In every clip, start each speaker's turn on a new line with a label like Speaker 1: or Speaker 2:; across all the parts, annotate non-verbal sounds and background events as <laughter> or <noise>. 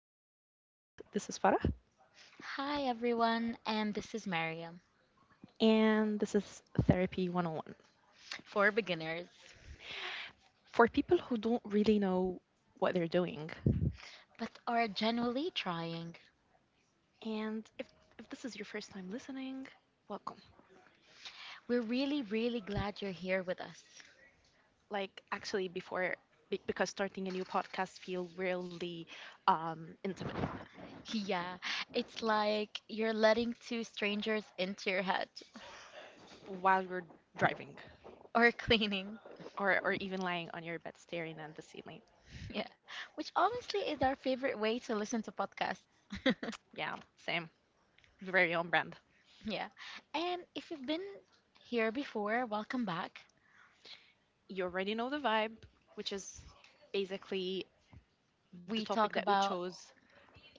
Speaker 1: Welcome to our podcast. This is Farah,
Speaker 2: Hi everyone, and this is Mariam
Speaker 1: and this is Therapy 101
Speaker 2: for beginners,
Speaker 1: for people who don't really know what they're doing.
Speaker 2: but are genuinely trying.
Speaker 1: And if this is your first time listening, welcome.
Speaker 2: We're really, really glad you're here with us. <laughs>
Speaker 1: Like, actually, because starting a new podcast feel really intimate
Speaker 2: Yeah, it's like you're letting two strangers into your head
Speaker 1: while you're driving
Speaker 2: or <laughs> cleaning.
Speaker 1: or even lying on your bed staring at the ceiling.
Speaker 2: Yeah, which honestly is our favorite way to listen to podcasts.
Speaker 1: Yeah, same. Very on brand.
Speaker 2: <laughs> yeah, and if you've been here before, welcome back.
Speaker 1: You already know the vibe, which is basically the
Speaker 2: We
Speaker 1: topic
Speaker 2: talk
Speaker 1: that we
Speaker 2: about,
Speaker 1: chose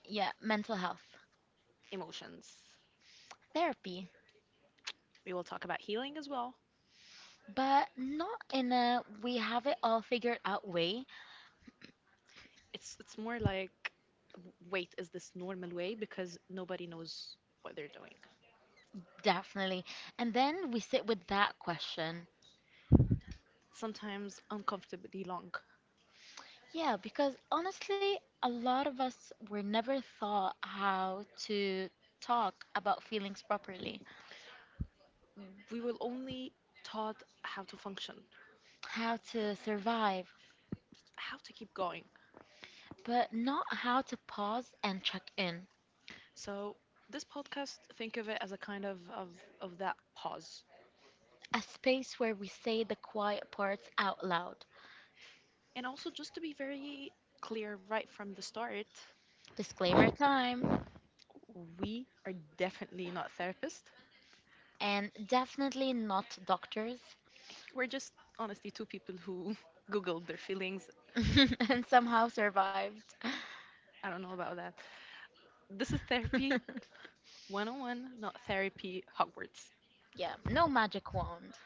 Speaker 2: yeah, mental health,
Speaker 1: emotions.
Speaker 2: therapy,
Speaker 1: We will talk about healing as well.
Speaker 2: but not in a we have it all figured out way,
Speaker 1: It's more like wait, is this normal way because nobody knows what they're doing.
Speaker 2: definitely. And then we sit with that question.
Speaker 1: Sometimes uncomfortably long.
Speaker 2: Yeah, because honestly, a lot of us were never taught how to talk about feelings properly,
Speaker 1: We will only taught how to function,
Speaker 2: how to survive,
Speaker 1: how to keep going.
Speaker 2: but not how to pause and check in.
Speaker 1: So this podcast, think of it as a kind of that pause.
Speaker 2: A space where we say the quiet parts out loud.
Speaker 1: And also just to be very clear right from the start,
Speaker 2: Disclaimer time.
Speaker 1: we are definitely not therapists.
Speaker 2: And definitely not doctors.
Speaker 1: We're just honestly two people who <laughs> googled their feelings.
Speaker 2: <laughs> and somehow survived.
Speaker 1: I don't know about that. This is therapy
Speaker 2: <laughs>
Speaker 1: 101, not therapy Hogwarts.
Speaker 2: Yeah, no magic wand,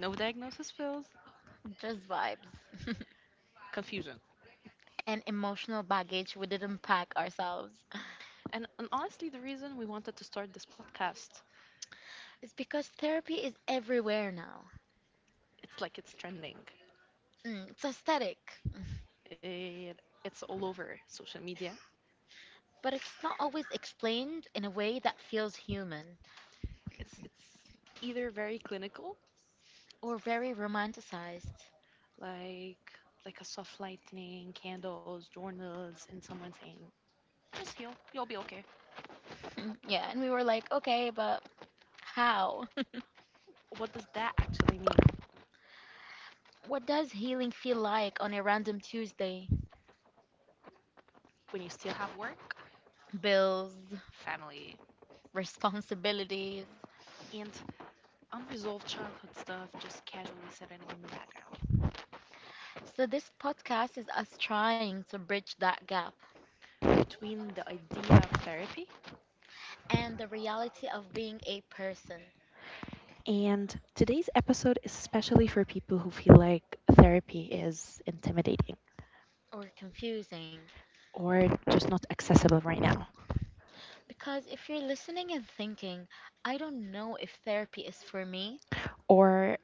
Speaker 1: No diagnosis pills,
Speaker 2: just vibes. <laughs>
Speaker 1: confusion.
Speaker 2: and emotional baggage we didn't pack ourselves.
Speaker 1: And honestly, the reason we wanted to start this podcast,
Speaker 2: It's because therapy is everywhere now.
Speaker 1: it's like it's trending.
Speaker 2: It's aesthetic.
Speaker 1: It's all over social media.
Speaker 2: But it's not always explained in a way that feels human
Speaker 1: It's either very clinical,
Speaker 2: or very romanticized.
Speaker 1: like like a soft lightning, candles, journals, and someone saying, "Just heal, you'll be okay."
Speaker 2: <laughs> yeah, and we were like, okay, but how? <laughs>
Speaker 1: What does that actually mean
Speaker 2: what does healing feel like on a random Tuesday?
Speaker 1: when you still have work,
Speaker 2: Bills,
Speaker 1: family,
Speaker 2: responsibilities.
Speaker 1: and unresolved childhood stuff just casually sitting in the background
Speaker 2: So, this podcast is us trying to bridge that gap
Speaker 1: between the idea of therapy.
Speaker 2: and the reality of being a person
Speaker 1: And today's episode is especially for people who feel like therapy is intimidating
Speaker 2: or confusing.
Speaker 1: or just not accessible right now.
Speaker 2: Because if you're listening and thinking, I don't know if therapy is for me,
Speaker 1: Or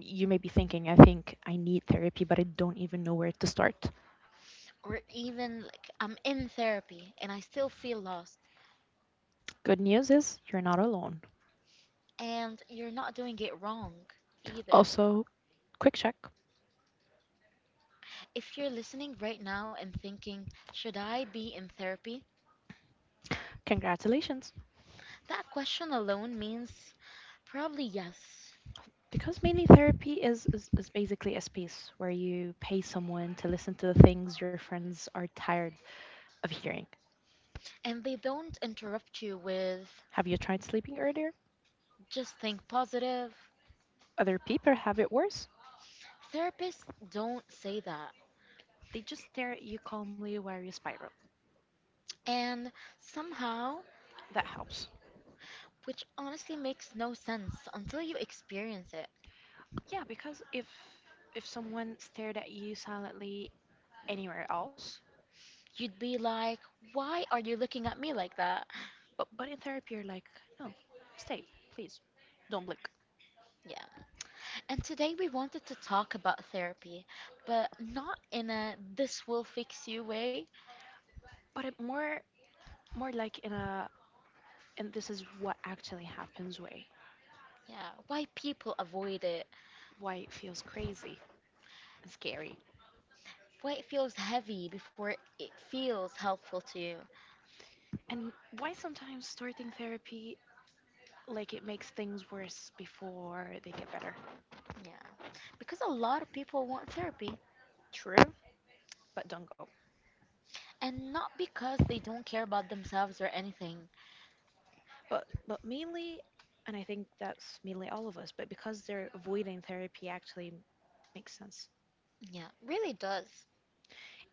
Speaker 1: you may be thinking, I think I need therapy, but I don't even know where to start.
Speaker 2: or even like I'm in therapy and I still feel lost,
Speaker 1: Good news is you're not alone.
Speaker 2: and you're not doing it wrong either.
Speaker 1: Also, quick check.
Speaker 2: If you're listening right now and thinking, should I be in therapy?
Speaker 1: Congratulations.
Speaker 2: That question alone means probably yes.
Speaker 1: Because mainly therapy is basically a space where you pay someone to listen to the things your friends are tired of hearing.
Speaker 2: And they don't interrupt you with
Speaker 1: Have you tried sleeping earlier?
Speaker 2: just think positive.
Speaker 1: Other people have it worse.
Speaker 2: Therapists don't say that.
Speaker 1: They just stare at you calmly while you spiral.
Speaker 2: And somehow,
Speaker 1: That helps.
Speaker 2: which honestly makes no sense until you experience it.
Speaker 1: Yeah, because if someone stared at you silently anywhere else,
Speaker 2: You'd be like, why are you looking at me like that?
Speaker 1: but in therapy you're like, no, stay, please, don't blink.
Speaker 2: Yeah. And today we wanted to talk about therapy, but not in a this will fix you way.
Speaker 1: But it more like in a and this is what actually happens way
Speaker 2: Yeah, why people avoid it,
Speaker 1: why it feels crazy scary.
Speaker 2: why it feels heavy before it feels helpful to you.
Speaker 1: And why sometimes starting therapy like it makes things worse before they get better.
Speaker 2: Yeah, because a lot of people want therapy,
Speaker 1: True. But don't go.
Speaker 2: and not because they don't care about themselves or anything.
Speaker 1: But mainly, and I think that's mainly all of us, but because they're avoiding therapy actually makes sense.
Speaker 2: Yeah, really does.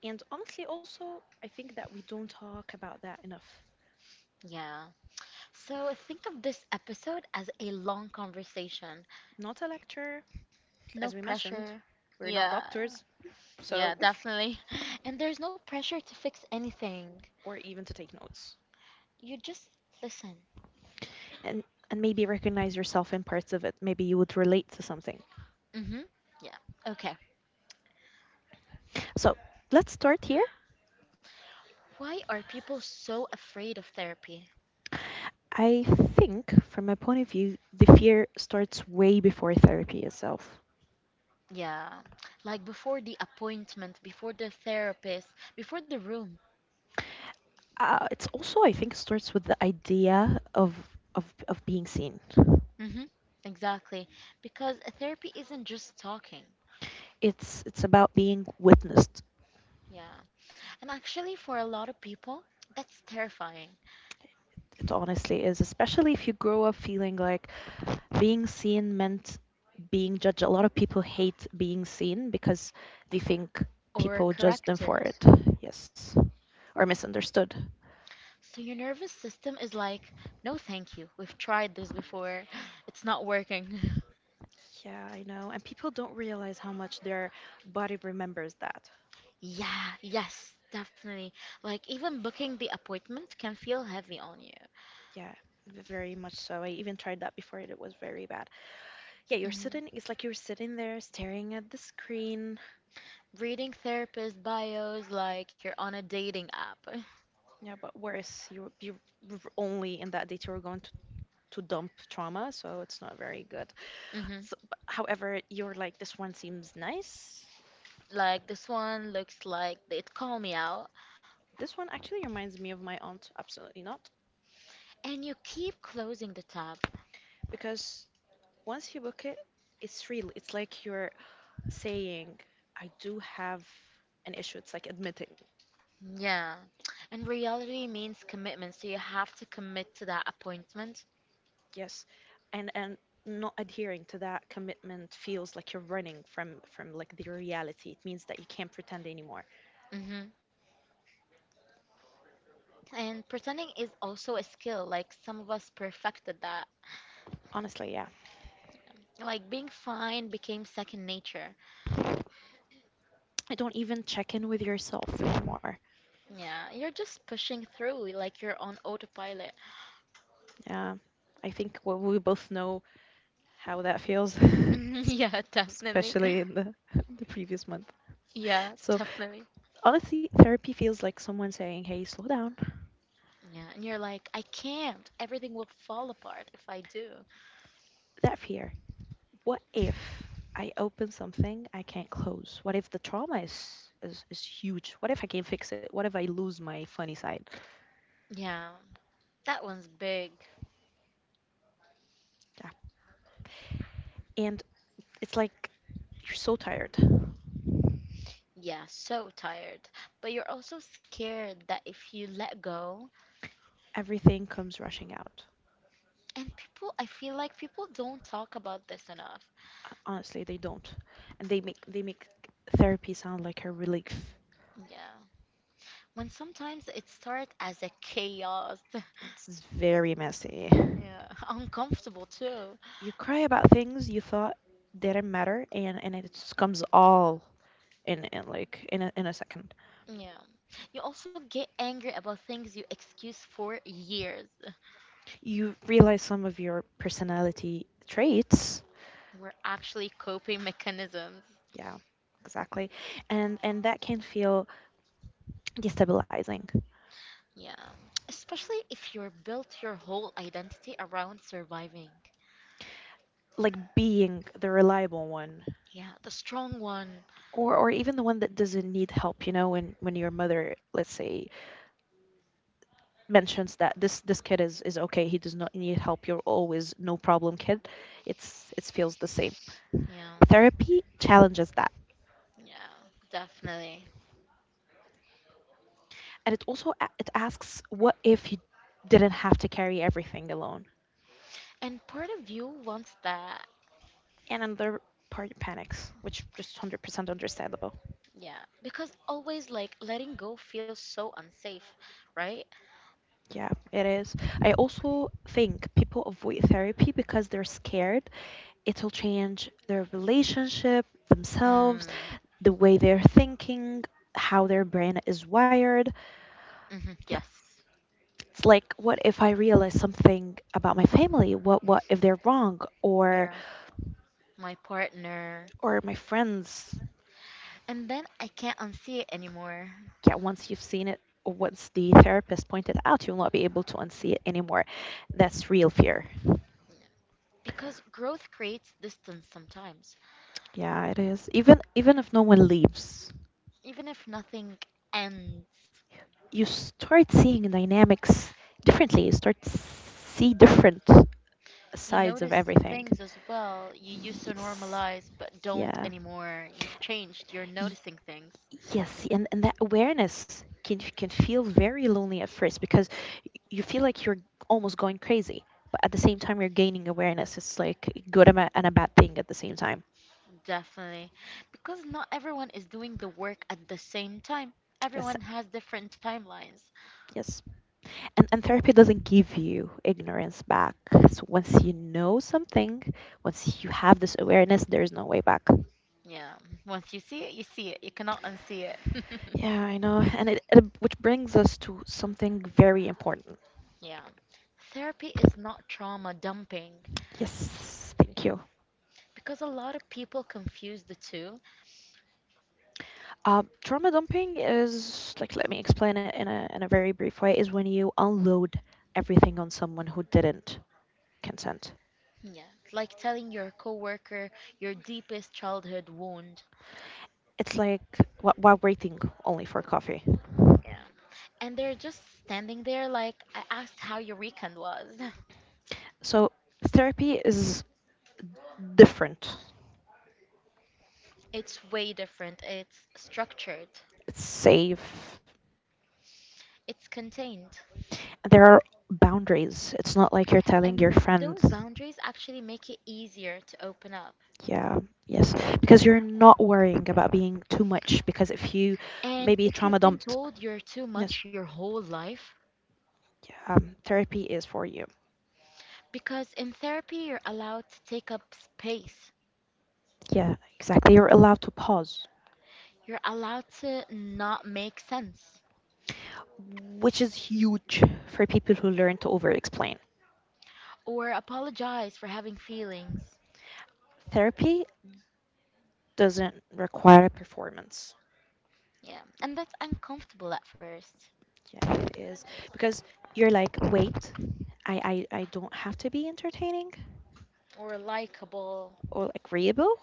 Speaker 1: And honestly also I think that we don't talk about that enough.
Speaker 2: Yeah. So think of this episode as a long conversation.
Speaker 1: Not a lecture,
Speaker 2: No
Speaker 1: as we mentioned,
Speaker 2: pressure,
Speaker 1: we're not
Speaker 2: Yeah,
Speaker 1: doctors,
Speaker 2: yeah,
Speaker 1: so
Speaker 2: definitely. <laughs> and there's no pressure to fix anything.
Speaker 1: <laughs> or even to take notes.
Speaker 2: You just listen.
Speaker 1: And and maybe recognize yourself in parts of it. Maybe you would relate to something.
Speaker 2: Mm-hmm. Yeah, okay.
Speaker 1: So let's start here.
Speaker 2: Why are people so afraid of therapy?
Speaker 1: I think, from my point of view, the fear starts way before therapy itself.
Speaker 2: Yeah. Like before the appointment, before the therapist, before the room.
Speaker 1: It's also, I think, starts with the idea of being seen.
Speaker 2: Mm-hmm. Exactly. Because therapy isn't just talking.
Speaker 1: It's about being witnessed.
Speaker 2: Yeah. And actually, for a lot of people, that's terrifying.
Speaker 1: It honestly is, especially if you grow up feeling like being seen meant being judged. A lot of people hate being seen because they think
Speaker 2: Or
Speaker 1: people judge them for
Speaker 2: corrected.
Speaker 1: it. Yes, or misunderstood.
Speaker 2: So your nervous system is like, no, thank you. We've tried this before. <gasps> It's not working. <laughs>
Speaker 1: Yeah, I know. And people don't realize how much their body remembers that.
Speaker 2: Yeah, yes, definitely. Like even booking the appointment can feel heavy on you.
Speaker 1: Yeah, very much so. I even tried that before and it was very bad. Yeah, you're
Speaker 2: hmm
Speaker 1: sitting, it's like you're sitting there staring at the screen.
Speaker 2: Reading therapist bios like you're on a dating app.
Speaker 1: Yeah, but worse, only in that date you were going to dump trauma, so it's not very good.
Speaker 2: <laughs> hmm
Speaker 1: So, but, however, you're like this one seems nice.
Speaker 2: Like this one looks like it called me out,
Speaker 1: This one actually reminds me of my aunt. Absolutely not,
Speaker 2: and you keep closing the tab.
Speaker 1: because once you book it, it's real. It's like you're saying, I do have an issue. It's like admitting.
Speaker 2: Yeah, and reality means commitment, so you have to commit to that appointment.
Speaker 1: Yes, and not adhering to that commitment feels like you're running from like the reality. It means that you can't pretend anymore.
Speaker 2: hmm And pretending is also a skill. Like some of us perfected that.
Speaker 1: Honestly, yeah,
Speaker 2: Like being fine became second nature.
Speaker 1: I don't even check in with yourself anymore.
Speaker 2: Yeah, you're just pushing through like you're on autopilot. <laughs>
Speaker 1: Yeah, I think we both know how that feels, <laughs>
Speaker 2: Yeah, definitely.
Speaker 1: especially in the <laughs> the previous month.
Speaker 2: Yeah,
Speaker 1: So
Speaker 2: definitely.
Speaker 1: honestly, therapy feels like someone saying, "Hey, slow down."
Speaker 2: Yeah, and you're like, I can't. Everything will fall apart if I do.
Speaker 1: That fear. What if I open something I can't close? What if the trauma is huge? What if I can't fix it? What if I lose my funny side?
Speaker 2: Yeah, that one's big.
Speaker 1: Yeah. And it's like you're so tired.
Speaker 2: Yeah, so tired. But you're also scared that if you let go,
Speaker 1: Everything comes rushing out.
Speaker 2: and people, I feel like people don't talk about this enough.
Speaker 1: Honestly, they don't. And they make therapy sound like a relief.
Speaker 2: Yeah. When sometimes it starts as a chaos. <laughs>
Speaker 1: It's very messy.
Speaker 2: Yeah, uncomfortable too.
Speaker 1: You cry about things you thought didn't matter, and it just comes all in like in a second.
Speaker 2: Yeah. You also get angry about things you excuse for years.
Speaker 1: You realize some of your personality traits,
Speaker 2: We're actually coping mechanisms.
Speaker 1: yeah exactly, and that can feel destabilizing,
Speaker 2: Yeah. Especially if you're built your whole identity around surviving.
Speaker 1: like being the reliable one,
Speaker 2: Yeah, the strong one.
Speaker 1: or even the one that doesn't need help, you know, when your mother, let's say, mentions that this kid is okay, he does not need help, you're always no problem kid, it's it feels the same.
Speaker 2: Yeah,
Speaker 1: Therapy challenges that,
Speaker 2: yeah, definitely.
Speaker 1: and it also it asks what if you didn't have to carry everything alone,
Speaker 2: And part of you wants that.
Speaker 1: and another party panics, which just 100% understandable.
Speaker 2: Yeah, because always like letting go feels so unsafe, right?
Speaker 1: Yeah, it is. I also think people avoid therapy because they're scared it'll change their relationship, themselves,
Speaker 2: Mm.
Speaker 1: the way they're thinking, how their brain is wired.
Speaker 2: Mhm,
Speaker 1: Yeah,
Speaker 2: yes.
Speaker 1: it's like what if I realize something about my family? What if they're wrong
Speaker 2: Yeah. My partner.
Speaker 1: or my friends?
Speaker 2: And then I can't unsee it anymore.
Speaker 1: Yeah, once you've seen it or once the therapist pointed out, you'll not be able to unsee it anymore. That's real fear.
Speaker 2: Because growth creates distance sometimes.
Speaker 1: Yeah, it is. Even if no one leaves,
Speaker 2: Even if nothing ends,
Speaker 1: you start seeing dynamics differently. You start see different
Speaker 2: you
Speaker 1: sides of
Speaker 2: notice
Speaker 1: everything.
Speaker 2: things as well you used to
Speaker 1: Yes.
Speaker 2: normalize but don't
Speaker 1: Yeah.
Speaker 2: anymore. You've changed, you're
Speaker 1: Y-
Speaker 2: noticing things.
Speaker 1: Yes, and that awareness can feel very lonely at first because you feel like you're almost going crazy, but at the same time you're gaining awareness. It's like good and a bad thing at the same time.
Speaker 2: Definitely. Because not everyone is doing the work at the same time.
Speaker 1: Yes.
Speaker 2: Everyone has different timelines.
Speaker 1: Yes. And therapy doesn't give you ignorance back. So once you know something, once you have this awareness, there's no way back.
Speaker 2: Yeah, once you see it, you see it. You cannot unsee it. <laughs>
Speaker 1: Yeah, I know. And it which brings us to something very important.
Speaker 2: Yeah. Therapy is not trauma dumping
Speaker 1: Yes, thank you.
Speaker 2: because a lot of people confuse the two.
Speaker 1: Trauma dumping is like, let me explain it in a very brief way, is when you unload everything on someone who didn't consent.
Speaker 2: Yeah. Like telling your coworker your deepest childhood wound.
Speaker 1: It's like while waiting only for coffee.
Speaker 2: Yeah. And they're just standing there like, I asked how your weekend was. <laughs>
Speaker 1: So therapy is different.
Speaker 2: It's way different. It's structured,
Speaker 1: It's safe.
Speaker 2: it's contained.
Speaker 1: There are boundaries. It's not like you're telling your
Speaker 2: And
Speaker 1: friends,
Speaker 2: those boundaries actually make it easier to open up.
Speaker 1: yeah, yes, because you're not worrying about being too much. Because if you
Speaker 2: And
Speaker 1: maybe
Speaker 2: if
Speaker 1: trauma
Speaker 2: you've been
Speaker 1: dumped,
Speaker 2: told you're too
Speaker 1: yes,
Speaker 2: much your whole life,
Speaker 1: yeah, therapy is for you.
Speaker 2: because in therapy you're allowed to take up space,
Speaker 1: Yeah, exactly. You're allowed to pause,
Speaker 2: you're allowed to not make sense
Speaker 1: which is huge for people who learn to over explain.
Speaker 2: or apologize for having feelings.
Speaker 1: Therapy doesn't require a performance.
Speaker 2: Yeah, and that's uncomfortable at first
Speaker 1: Yeah, it is. Because you're like, wait, I don't have to be entertaining
Speaker 2: or likable.
Speaker 1: or agreeable.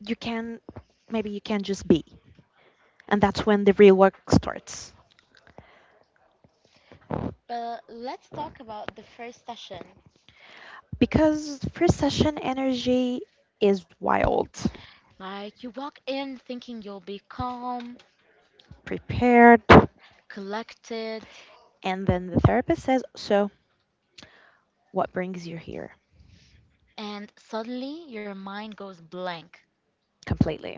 Speaker 1: You can maybe you can just be, and that's when the real work starts
Speaker 2: But let's talk about the first session.
Speaker 1: because first session energy is wild,
Speaker 2: Like, you walk in thinking you'll be calm,
Speaker 1: prepared,
Speaker 2: collected,
Speaker 1: and then the therapist says so what brings you here
Speaker 2: and suddenly your mind goes blank.
Speaker 1: completely,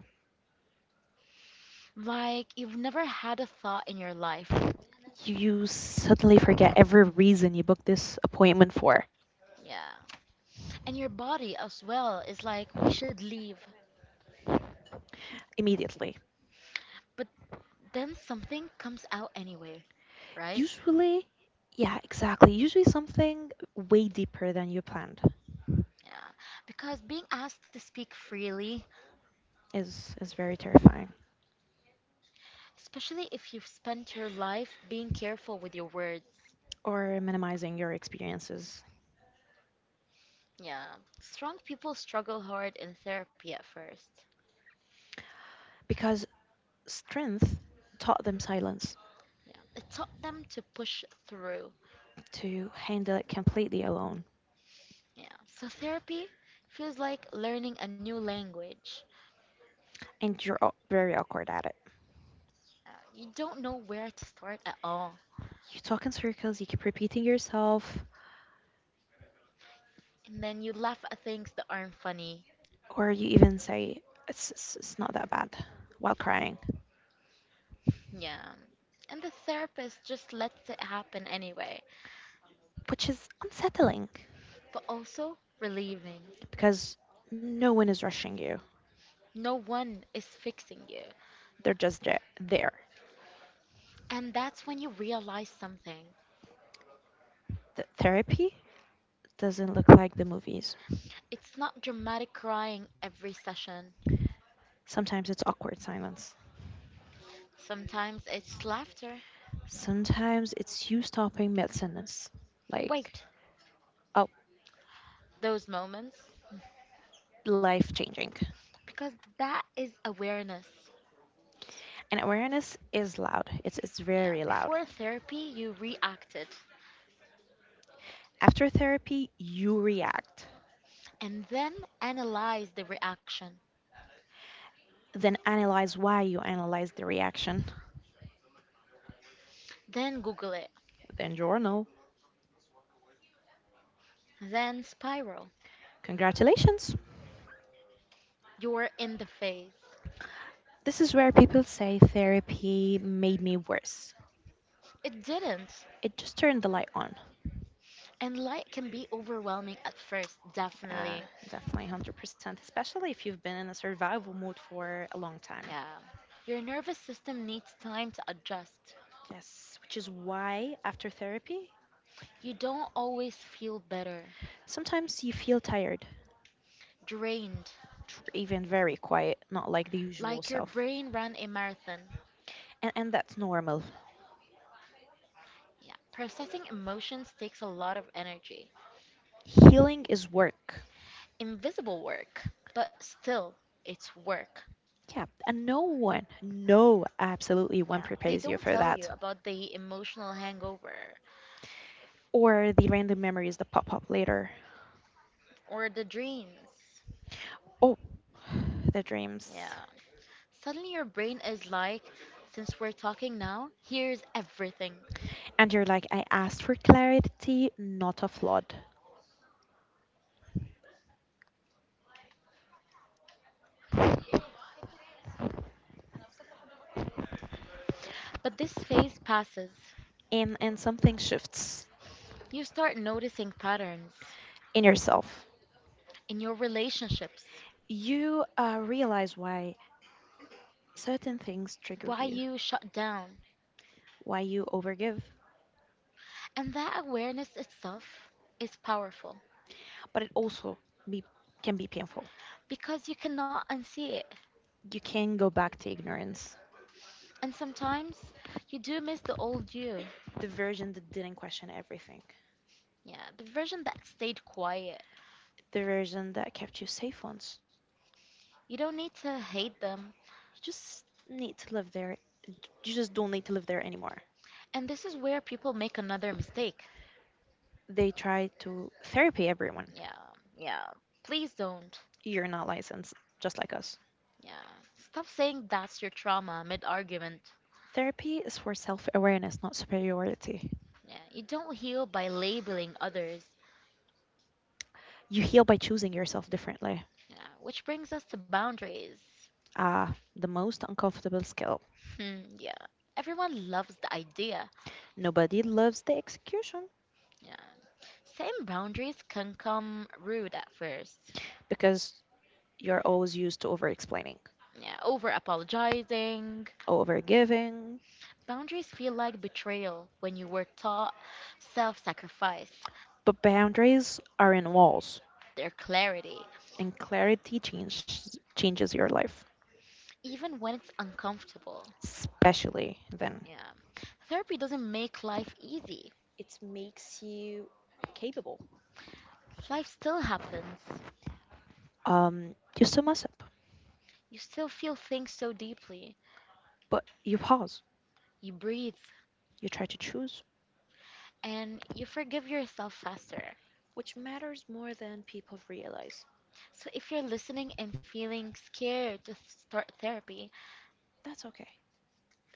Speaker 2: Like, you've never had a thought in your life.
Speaker 1: you suddenly forget every reason you booked this appointment for
Speaker 2: Yeah. And your body as well is like, we should leave.
Speaker 1: immediately,
Speaker 2: But then something comes out anyway, right?
Speaker 1: usually yeah exactly usually something way deeper than you planned
Speaker 2: Yeah, because being asked to speak freely,
Speaker 1: is very terrifying
Speaker 2: especially if you've spent your life being careful with your words.
Speaker 1: or minimizing your experiences
Speaker 2: Yeah, strong people struggle hard in therapy at first.
Speaker 1: because strength taught them silence
Speaker 2: Yeah, it taught them to push through.
Speaker 1: to handle it completely alone.
Speaker 2: Yeah, so therapy feels like learning a new language.
Speaker 1: And you're very awkward at it.
Speaker 2: You don't know where to start at all,
Speaker 1: You talk in circles, you keep repeating yourself,
Speaker 2: and then you laugh at things that aren't funny.
Speaker 1: or you even say, it's not that bad while crying,
Speaker 2: Yeah, and the therapist just lets it happen anyway,
Speaker 1: which is unsettling
Speaker 2: but also relieving.
Speaker 1: because no one is rushing you.
Speaker 2: No one is fixing you.
Speaker 1: They're just there.
Speaker 2: And that's when you realize something.
Speaker 1: The therapy doesn't look like the movies.
Speaker 2: It's not dramatic crying every session.
Speaker 1: Sometimes it's awkward silence.
Speaker 2: Sometimes it's laughter.
Speaker 1: Sometimes it's you stopping mid sentence, like,
Speaker 2: Wait,
Speaker 1: oh,
Speaker 2: those moments.
Speaker 1: life changing.
Speaker 2: Because that is awareness.
Speaker 1: And awareness is loud. It's
Speaker 2: Yeah,
Speaker 1: very loud.
Speaker 2: before therapy, you reacted.
Speaker 1: After therapy, you react,
Speaker 2: And then analyze the reaction.
Speaker 1: then analyze why you analyze the reaction,
Speaker 2: Then Google it.
Speaker 1: then journal.
Speaker 2: Then spiral.
Speaker 1: Congratulations.
Speaker 2: You're in the phase.
Speaker 1: This is where people say therapy made me worse.
Speaker 2: It didn't.
Speaker 1: It just turned the light on.
Speaker 2: And light can be overwhelming at first,
Speaker 1: Yeah,
Speaker 2: definitely.
Speaker 1: definitely 100%, especially if you've been in a survival mode for a long time.
Speaker 2: Yeah. Your nervous system needs time to adjust.
Speaker 1: Yes, which is why after therapy,
Speaker 2: You don't always feel better,
Speaker 1: sometimes you feel tired
Speaker 2: drained,
Speaker 1: or even very quiet, not like the usual
Speaker 2: like your
Speaker 1: self.
Speaker 2: brain ran a marathon.
Speaker 1: And that's normal.
Speaker 2: Yeah. Processing emotions takes a lot of energy.
Speaker 1: Healing is work.
Speaker 2: Invisible work, but still, it's work.
Speaker 1: Yeah, and no one, no, absolutely one
Speaker 2: Yeah. They
Speaker 1: prepares you
Speaker 2: don't
Speaker 1: for
Speaker 2: tell
Speaker 1: that.
Speaker 2: you about the emotional hangover
Speaker 1: Or the random memories that pop up later.
Speaker 2: or the dreams.
Speaker 1: Oh, the dreams.
Speaker 2: Yeah. Suddenly your brain is like, since we're talking now, here's everything.
Speaker 1: And you're like, I asked for clarity, not a flood.
Speaker 2: But this phase passes.
Speaker 1: And something shifts
Speaker 2: You start noticing patterns
Speaker 1: in yourself.
Speaker 2: in your relationships,
Speaker 1: You realize why certain things trigger
Speaker 2: why
Speaker 1: you,
Speaker 2: you shut down.
Speaker 1: why you overgive,
Speaker 2: And that awareness itself is powerful
Speaker 1: but it also be, can be painful.
Speaker 2: because you cannot unsee it.
Speaker 1: You can go back to ignorance,
Speaker 2: And sometimes you do miss the old you.
Speaker 1: the version that didn't question everything,
Speaker 2: Yeah, the version that stayed quiet.
Speaker 1: the version that kept you safe once.
Speaker 2: You don't need to hate them.
Speaker 1: You just need to live there. You just don't need to live there anymore.
Speaker 2: And this is where people make another mistake.
Speaker 1: They try to therapy everyone.
Speaker 2: Yeah, yeah. Please don't.
Speaker 1: You're not licensed, just like us.
Speaker 2: Yeah. Stop saying that's your trauma mid argument.
Speaker 1: Therapy is for self awareness, not superiority.
Speaker 2: Yeah, you don't heal by labeling others.
Speaker 1: You heal by choosing yourself differently.
Speaker 2: Yeah, which brings us to boundaries.
Speaker 1: Ah, the most uncomfortable skill.
Speaker 2: Hmm, yeah. Everyone loves the idea.
Speaker 1: Nobody loves the execution
Speaker 2: Yeah. Same boundaries can come rude at first.
Speaker 1: because you're always used to over explaining,
Speaker 2: Yeah, over apologizing.
Speaker 1: over giving.
Speaker 2: Boundaries feel like betrayal when you were taught self sacrifice,
Speaker 1: But boundaries are in walls,
Speaker 2: their clarity,
Speaker 1: and changes your life.
Speaker 2: even when it's uncomfortable.
Speaker 1: Especially then.
Speaker 2: Yeah. Therapy doesn't make life easy.
Speaker 1: It makes you capable.
Speaker 2: Life still happens.
Speaker 1: You still mess up,
Speaker 2: You still feel things so deeply.
Speaker 1: but you pause.
Speaker 2: You breathe
Speaker 1: You try to choose,
Speaker 2: and you forgive yourself faster.
Speaker 1: which matters more than people realize.
Speaker 2: So, if you're listening and feeling scared to start therapy,
Speaker 1: That's okay.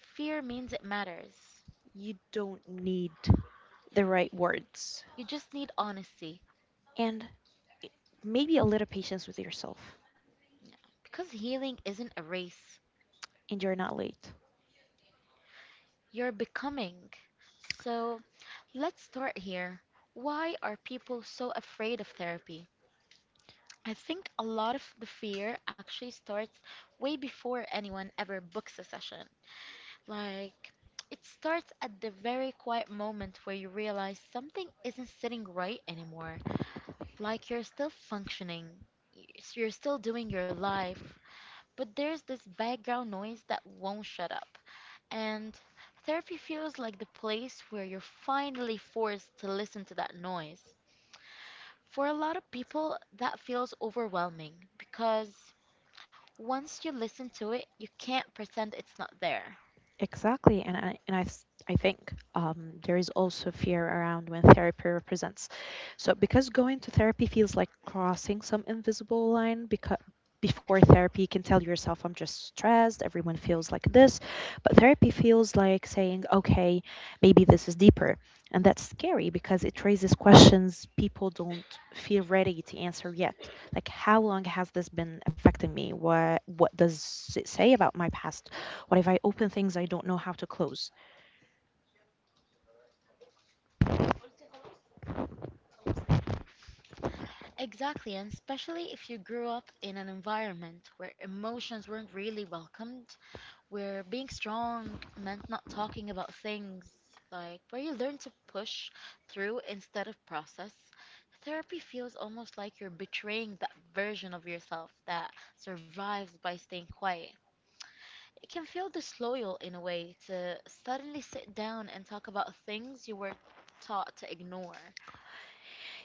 Speaker 2: fear means it matters.
Speaker 1: You don't need the right words.
Speaker 2: You just need honesty.
Speaker 1: And maybe a little patience with yourself,
Speaker 2: Yeah. Because healing isn't a race,
Speaker 1: and you're not late.
Speaker 2: you're becoming. So, let's start here. Why are people so afraid of therapy? I think a lot of the fear actually starts way before anyone ever books a session. Like, it starts at the very quiet moment where you realize something isn't sitting right anymore. Like you're still functioning, y- you're still doing your life, but there's this background noise that won't shut up. And therapy feels like the place where you're finally forced to listen to that noise. For a lot of people, that feels overwhelming because once you listen to it, you can't pretend it's not there.
Speaker 1: Exactly, and I think there is also fear around when therapy represents. So because going to therapy feels like crossing some invisible line, because before therapy you can tell yourself I'm just stressed, everyone feels like this, but therapy feels like saying, okay, maybe this is deeper, and that's scary because it raises questions people don't feel ready to answer yet. Like how long has this been affecting me? What does it say about my past? What if I open things I don't know how to close?
Speaker 2: Exactly, and especially if you grew up in an environment where emotions weren't really welcomed, where being strong meant not talking about things, like where you learn to push through instead of process. Therapy feels almost like you're betraying that version of yourself that survives by staying quiet. It can feel disloyal in a way to suddenly sit down and talk about things you were taught to ignore.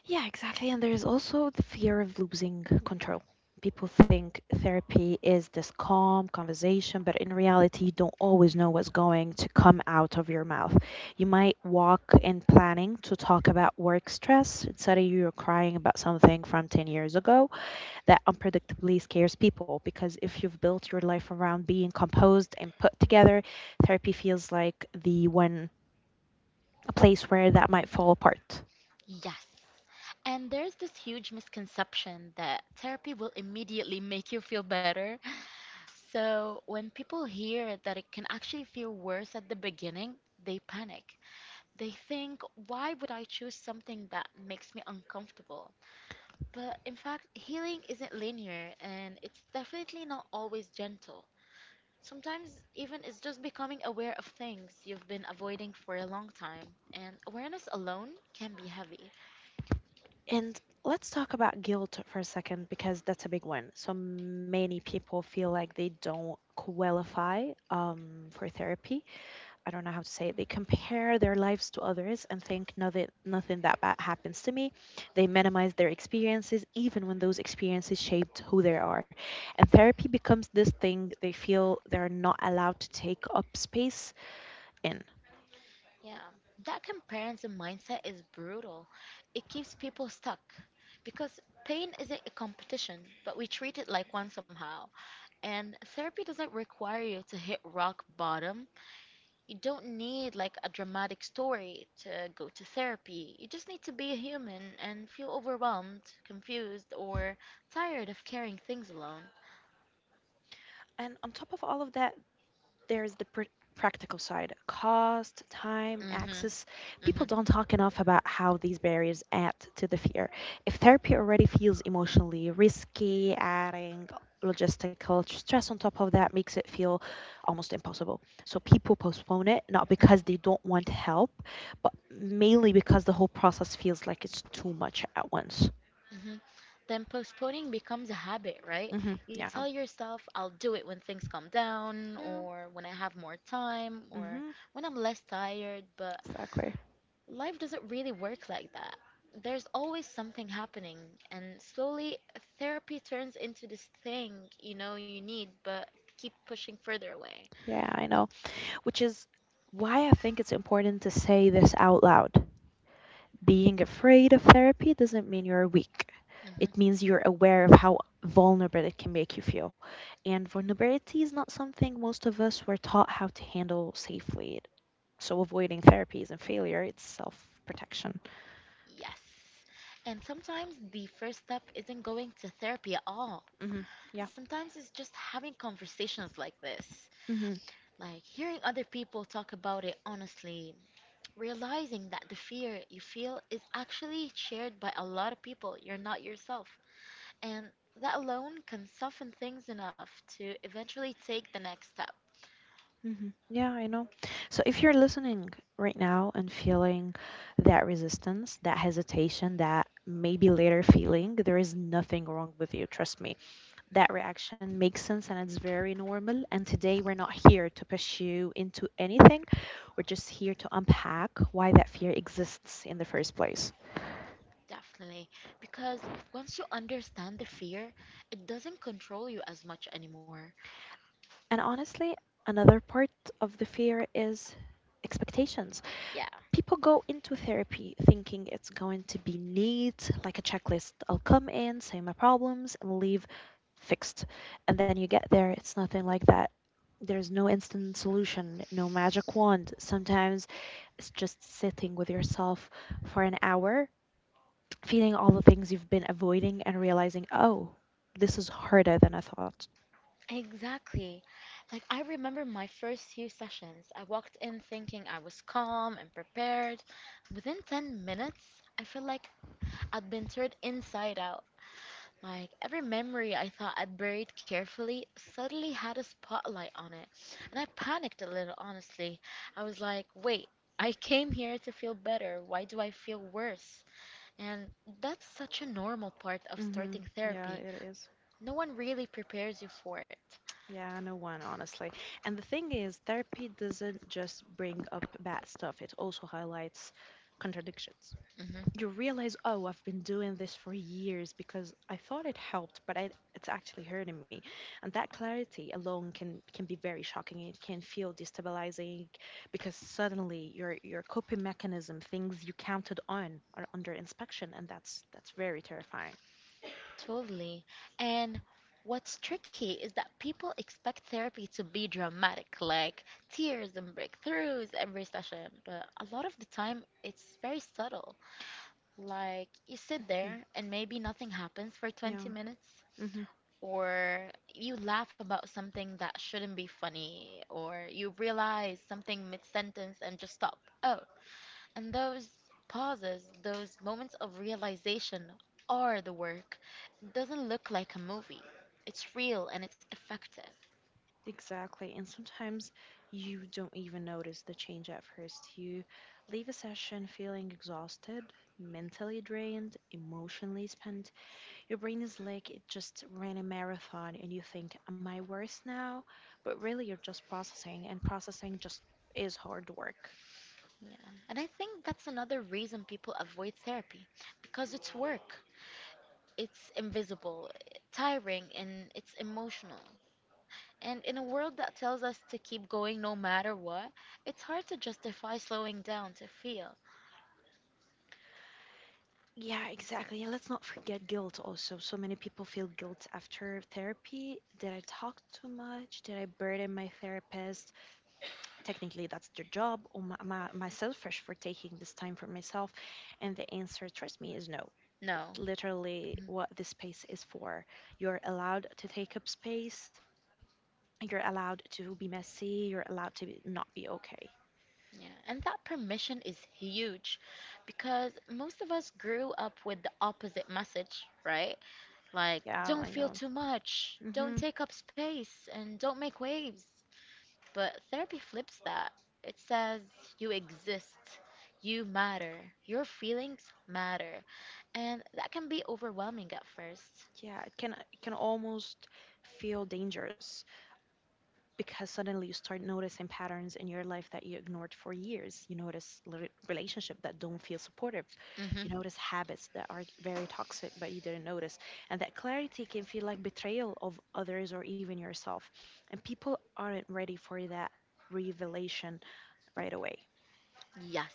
Speaker 1: Yeah, exactly. And there's also the fear of losing control. People think therapy is this calm conversation, but in reality, you don't always know what's going to come out of your mouth. You might walk in planning to talk about work stress, and suddenly, you're crying about something from 10 years ago that unpredictably scares people because if you've built your life around being composed and put together, therapy feels like the one a place where that might fall apart.
Speaker 2: Yes. And there's this huge misconception that therapy will immediately make you feel better. So, when people hear that it can actually feel worse at the beginning, they panic. They think, why would I choose something that makes me uncomfortable? But in fact, healing isn't linear and it's definitely not always gentle. Sometimes, even it's just becoming aware of things you've been avoiding for a long time, and awareness alone can be heavy.
Speaker 1: And let's talk about guilt for a second because that's a big one. So many people feel like they don't qualify for therapy. I don't know how to say it. They compare their lives to others and think nothing that bad happens to me. They minimize their experiences even when those experiences shaped who they are. And therapy becomes this thing they feel they're not allowed to take up space in.
Speaker 2: Yeah, that comparison mindset is brutal. It keeps people stuck because pain isn't a competition, but we treat it like one somehow. And therapy doesn't require you to hit rock bottom. You don't need like a dramatic story to go to therapy. You just need to be a human and feel overwhelmed, confused, or tired of carrying things alone.
Speaker 1: And on top of all of that, there's the practical side: cost, time,
Speaker 2: Mhm.
Speaker 1: access. People
Speaker 2: Mhm.
Speaker 1: don't talk enough about how these barriers add to the fear. If therapy already feels emotionally risky, adding logistical stress on top of that makes it feel almost impossible. So people postpone it not
Speaker 2: Mhm.
Speaker 1: because they don't want help, but mainly because the whole process feels like it's too much at once.
Speaker 2: Mhm. Then postponing becomes a habit, right?
Speaker 1: Hmm.
Speaker 2: You
Speaker 1: Yeah.
Speaker 2: tell yourself, I'll do it when things calm down,
Speaker 1: Yeah.
Speaker 2: or when I have more time, or
Speaker 1: Hmm.
Speaker 2: when I'm less tired, but
Speaker 1: Exactly.
Speaker 2: life doesn't really work like that. There's always something happening, and slowly therapy turns into this thing you know you need, but keep pushing further away.
Speaker 1: Yeah, I know, which is why I think it's important to say this out loud. Being afraid of therapy doesn't mean you're weak.
Speaker 2: Hmm.
Speaker 1: It means you're aware of how vulnerable it can make you feel. And vulnerability is not something most of us were taught how to handle safely. So avoiding therapy isn't failure, it's self protection.
Speaker 2: Yes. And sometimes the first step isn't going to therapy at all.
Speaker 1: Hmm. Yeah.
Speaker 2: Sometimes it's just having conversations like this.
Speaker 1: Mm-hmm.
Speaker 2: Like hearing other people talk about it honestly, realizing that the fear you feel is actually shared by a lot of people, you're not yourself. And that alone can soften things enough to eventually take the next step,
Speaker 1: Mhm. Yeah, I know. So if you're listening right now and feeling that resistance, that hesitation, that maybe later feeling, there is nothing wrong with you. Trust me. That reaction makes sense and it's very normal. And today we're not here to push you into anything. We're just here to unpack why that fear exists in the first place.
Speaker 2: definitely. Because once you understand the fear, it doesn't control you as much anymore.
Speaker 1: And honestly, another part of the fear is expectations.
Speaker 2: Yeah,
Speaker 1: People go into therapy thinking it's going to be neat, like a checklist. I'll come in, say my problems, and leave fixed. And then you get there, it's nothing like that. There's no instant solution, no magic wand. Sometimes it's just sitting with yourself for an hour, feeling all the things you've been avoiding and realizing, oh, this is harder than I thought.
Speaker 2: exactly. Like, I remember my first few sessions. I walked in thinking I was calm and prepared. Within 10 minutes, I felt like I'd been turned inside out. Like every memory I thought I'd buried carefully suddenly had a spotlight on it. And I panicked a little, honestly. I was like, wait, I came here to feel better. Why do I feel worse? And that's such a normal part of
Speaker 1: Mm-hmm.
Speaker 2: starting
Speaker 1: Yeah,
Speaker 2: therapy.
Speaker 1: it is.
Speaker 2: No one really prepares you for it.
Speaker 1: Yeah, no one, honestly. And the thing is, therapy doesn't just bring up bad stuff, it also highlights contradictions.
Speaker 2: Mhm.
Speaker 1: You realize, oh, I've been doing this for years because I thought it helped, but it's actually hurting me. And that clarity alone can be very shocking. It can feel destabilizing because suddenly your coping mechanism, things you counted on, are under inspection, and that's very terrifying.
Speaker 2: Totally. And what's tricky is that people expect therapy to be dramatic, like tears and breakthroughs every session. But a lot of the time, it's very subtle. Like you sit
Speaker 1: Hmm.
Speaker 2: there and maybe nothing happens for 20
Speaker 1: Yeah.
Speaker 2: minutes, or you laugh about something that shouldn't be funny, or you realize something mid sentence and just stop. Oh, and those pauses, those moments of realization are the work. It doesn't look like a movie. It's real and it's effective.
Speaker 1: Exactly. And sometimes you don't even notice the change at first. You leave a session feeling exhausted, mentally drained, emotionally spent. Your brain is like it just ran a marathon and you think, am I worse now? But really, you're just processing, and processing just is hard work.
Speaker 2: Yeah. And I think that's another reason people avoid therapy because it's work. It's invisible, tiring, and it's emotional. And in a world that tells us to keep going no matter what, it's hard to justify slowing down to feel.
Speaker 1: Yeah, exactly. And let's not forget guilt also. So many people feel guilt after therapy. Did I talk too much? Did I burden my therapist? Technically, that's their job, or myself for taking this time for myself. And the answer, trust me, is no.
Speaker 2: No.
Speaker 1: Literally,
Speaker 2: Mm-hmm.
Speaker 1: what this space is for. You're allowed to take up space, you're allowed to be messy, you're allowed to not be okay.
Speaker 2: Yeah, and that permission is huge because most of us grew up with the opposite message, right? Like,
Speaker 1: Yeah,
Speaker 2: don't
Speaker 1: I
Speaker 2: feel
Speaker 1: know.
Speaker 2: too much, don't
Speaker 1: Hmm.
Speaker 2: take up space, and don't make waves. But therapy flips that. It says you exist, you matter, your feelings matter. And that can be overwhelming at first.
Speaker 1: Yeah, it can almost feel dangerous because suddenly you start noticing patterns in your life that you ignored for years. You notice relationship that don't feel supportive. You
Speaker 2: Mm-hmm.
Speaker 1: notice habits that are very toxic but you didn't notice. And that clarity can feel like betrayal of others or even yourself. And people aren't ready for that revelation right away.
Speaker 2: Yes.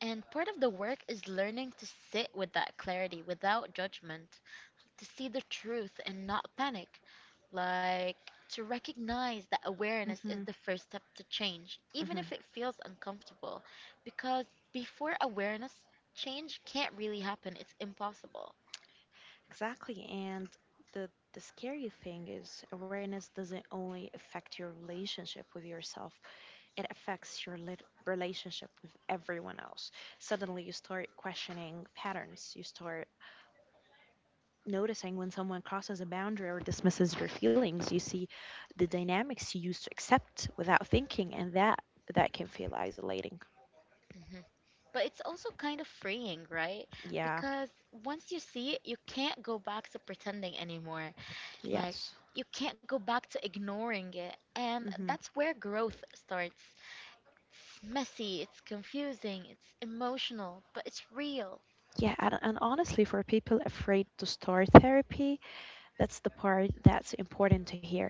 Speaker 2: And part of the work is learning to sit with that clarity without judgment, to see the truth and not panic. Like to recognize that awareness is
Speaker 1: Hmm.
Speaker 2: the first step to change, even
Speaker 1: Hmm.
Speaker 2: if it feels uncomfortable. Because before awareness, change can't really happen, it's impossible.
Speaker 1: Exactly. And the scary thing is awareness doesn't only affect your relationship with yourself. It affects your relationship with everyone else. Suddenly, you start questioning patterns. You start noticing when someone crosses a boundary or dismisses your feelings. You see the dynamics you used to accept without thinking, and that can feel isolating.
Speaker 2: hmm But it's also kind of freeing, right?
Speaker 1: Yeah.
Speaker 2: Because once you see it, you can't go back to pretending anymore. Like,
Speaker 1: Yes.
Speaker 2: you can't go back to ignoring it. And
Speaker 1: Hmm.
Speaker 2: that's where growth starts. It's messy, it's confusing, it's emotional, but it's real.
Speaker 1: Yeah, and honestly, for people afraid to start therapy, that's the part that's important to hear.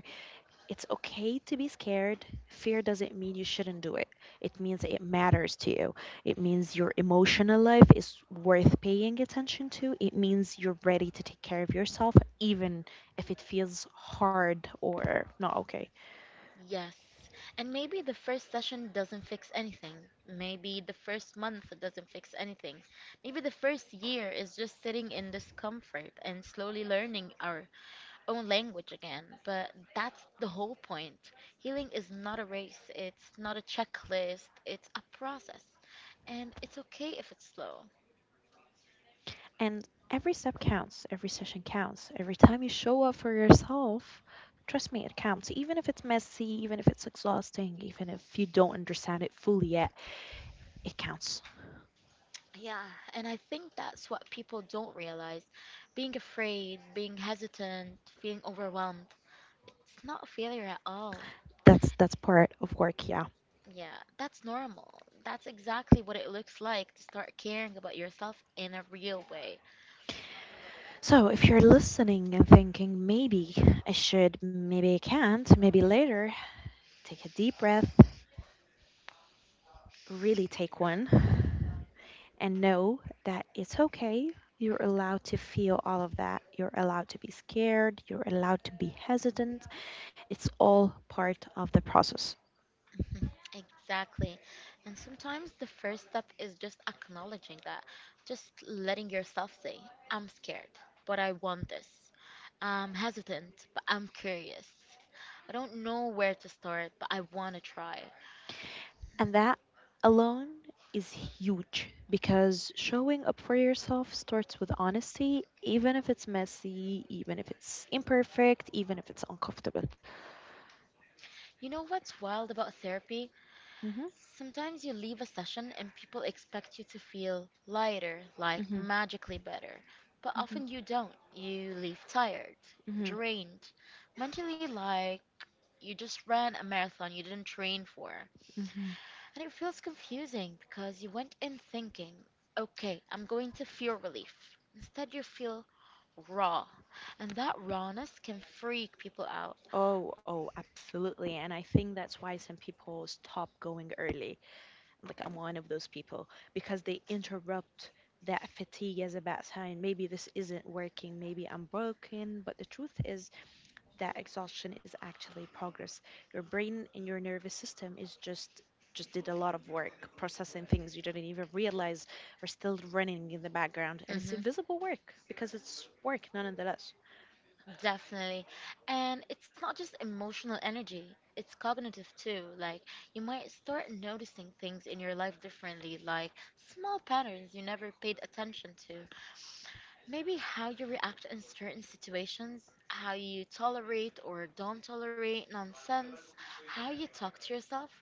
Speaker 1: It's okay to be scared. Fear doesn't mean you shouldn't do it. It means it matters to you. It means your emotional life is worth paying attention to. It means you're ready to take care of yourself, even if it feels hard or not okay.
Speaker 2: Yes. And maybe the first session doesn't fix anything. Maybe the first month doesn't fix anything. Maybe the first year is just sitting in discomfort and slowly learning our own language again. But that's the whole point. Healing is not a race, it's not a checklist, it's a process. And it's okay if it's slow.
Speaker 1: And every step counts, every session counts. Every time you show up for yourself, trust me, it counts. Even if it's messy, even if it's exhausting, even if you don't understand it fully yet, it counts.
Speaker 2: Yeah, and I think that's what people don't realize. Being afraid, being hesitant, feeling overwhelmed, it's not a failure at all.
Speaker 1: That's part of work, yeah.
Speaker 2: Yeah, that's normal. That's exactly what it looks like to start caring about yourself in a real way.
Speaker 1: So, if you're listening and thinking, maybe I should, maybe I can't, maybe later, take a deep breath, really take one, and know that it's okay. You're allowed to feel all of that. You're allowed to be scared. You're allowed to be hesitant. It's all part of the process.
Speaker 2: Mhm, exactly. And sometimes the first step is just acknowledging that, just letting yourself say, I'm scared, but I want this. I'm hesitant, but I'm curious. I don't know where to start, but I want to try.
Speaker 1: And that alone is huge because showing up for yourself starts with honesty, even if it's messy, even if it's imperfect, even if it's uncomfortable.
Speaker 2: You know what's wild about therapy?
Speaker 1: Mm-hmm,
Speaker 2: Sometimes you leave a session and people expect you to feel lighter, like
Speaker 1: mm-hmm,
Speaker 2: magically better. But often
Speaker 1: mm-hmm,
Speaker 2: you don't. You leave tired,
Speaker 1: mm-hmm,
Speaker 2: drained, mentally like you just ran a marathon you didn't train for.
Speaker 1: hmm.
Speaker 2: And it feels confusing because you went in thinking, okay, I'm going to feel relief. Instead, you feel raw. And that rawness can freak people out.
Speaker 1: Oh, oh, absolutely. And I think that's why some people stop going early. Like I'm one of those people because they interrupt that fatigue as a bad sign. Maybe this isn't working. Maybe I'm broken. But the truth is that exhaustion is actually progress. Your brain and your nervous system is just did a lot of work processing things you didn't even realize are still running in the background and it's
Speaker 2: Hmm.
Speaker 1: invisible work because it's work nonetheless.
Speaker 2: Definitely. And it's not just emotional energy, it's cognitive too. Like, you might start noticing things in your life differently, like small patterns you never paid attention to. Maybe how you react in certain situations, how you tolerate or don't tolerate nonsense, how you talk to yourself.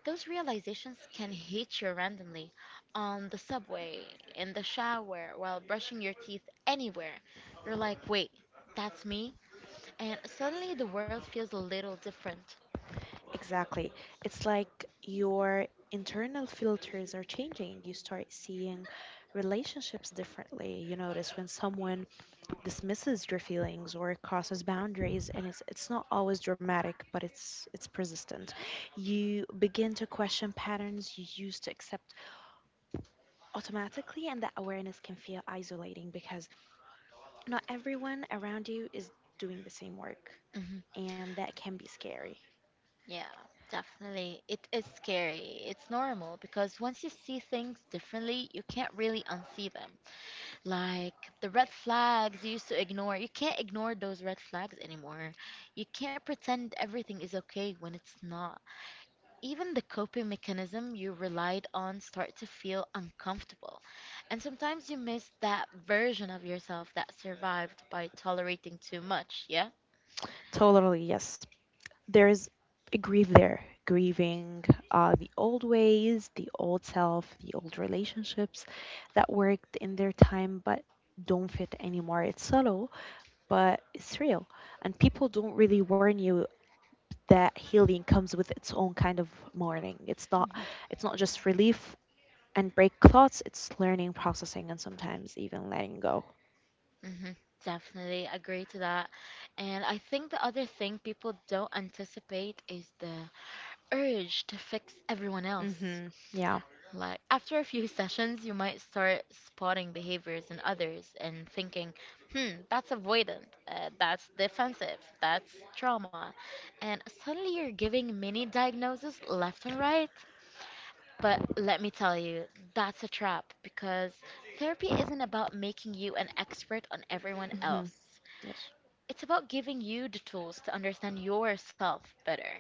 Speaker 2: Those realizations can hit you randomly on the subway, in the shower, while brushing your teeth, anywhere. You're like, wait, that's me? And suddenly the world feels a little different.
Speaker 1: Exactly. It's like your internal filters are changing. You start seeing relationships differently. You notice when someone dismisses your feelings or crosses boundaries and it's not always dramatic, but it's persistent. You begin to question patterns you used to accept automatically and that awareness can feel isolating because not everyone around you is doing the same work
Speaker 2: Mhm.
Speaker 1: and that can be scary.
Speaker 2: Yeah, definitely. It is scary. It's normal because once you see things differently, you can't really unsee them. Like the red flags you used to ignore. You can't ignore those red flags anymore. You can't pretend everything is okay when it's not. Even the coping mechanism you relied on start to feel uncomfortable. And sometimes you miss that version of yourself that survived by tolerating too much, yeah?
Speaker 1: Totally, yes. There's a grief there, grieving the old ways, the old self, the old relationships that worked in their time but don't fit anymore. It's subtle, but it's real. And people don't really warn you that healing comes with its own kind of mourning. It's not just relief and break thoughts, it's learning, processing, and sometimes even letting go.
Speaker 2: Mm-hmm. Definitely agree to that. And I think the other thing people don't anticipate is the urge to fix everyone else.
Speaker 1: Hmm. Yeah.
Speaker 2: Like after a few <laughs> sessions, you might start spotting behaviors in others and thinking, hmm, that's avoidant, that's defensive, that's trauma. And suddenly you're giving mini diagnoses left and right. But let me tell you, that's a trap because therapy isn't about making you an expert on everyone
Speaker 1: Hmm.
Speaker 2: else.
Speaker 1: Yes.
Speaker 2: It's about giving you the tools to understand yourself better.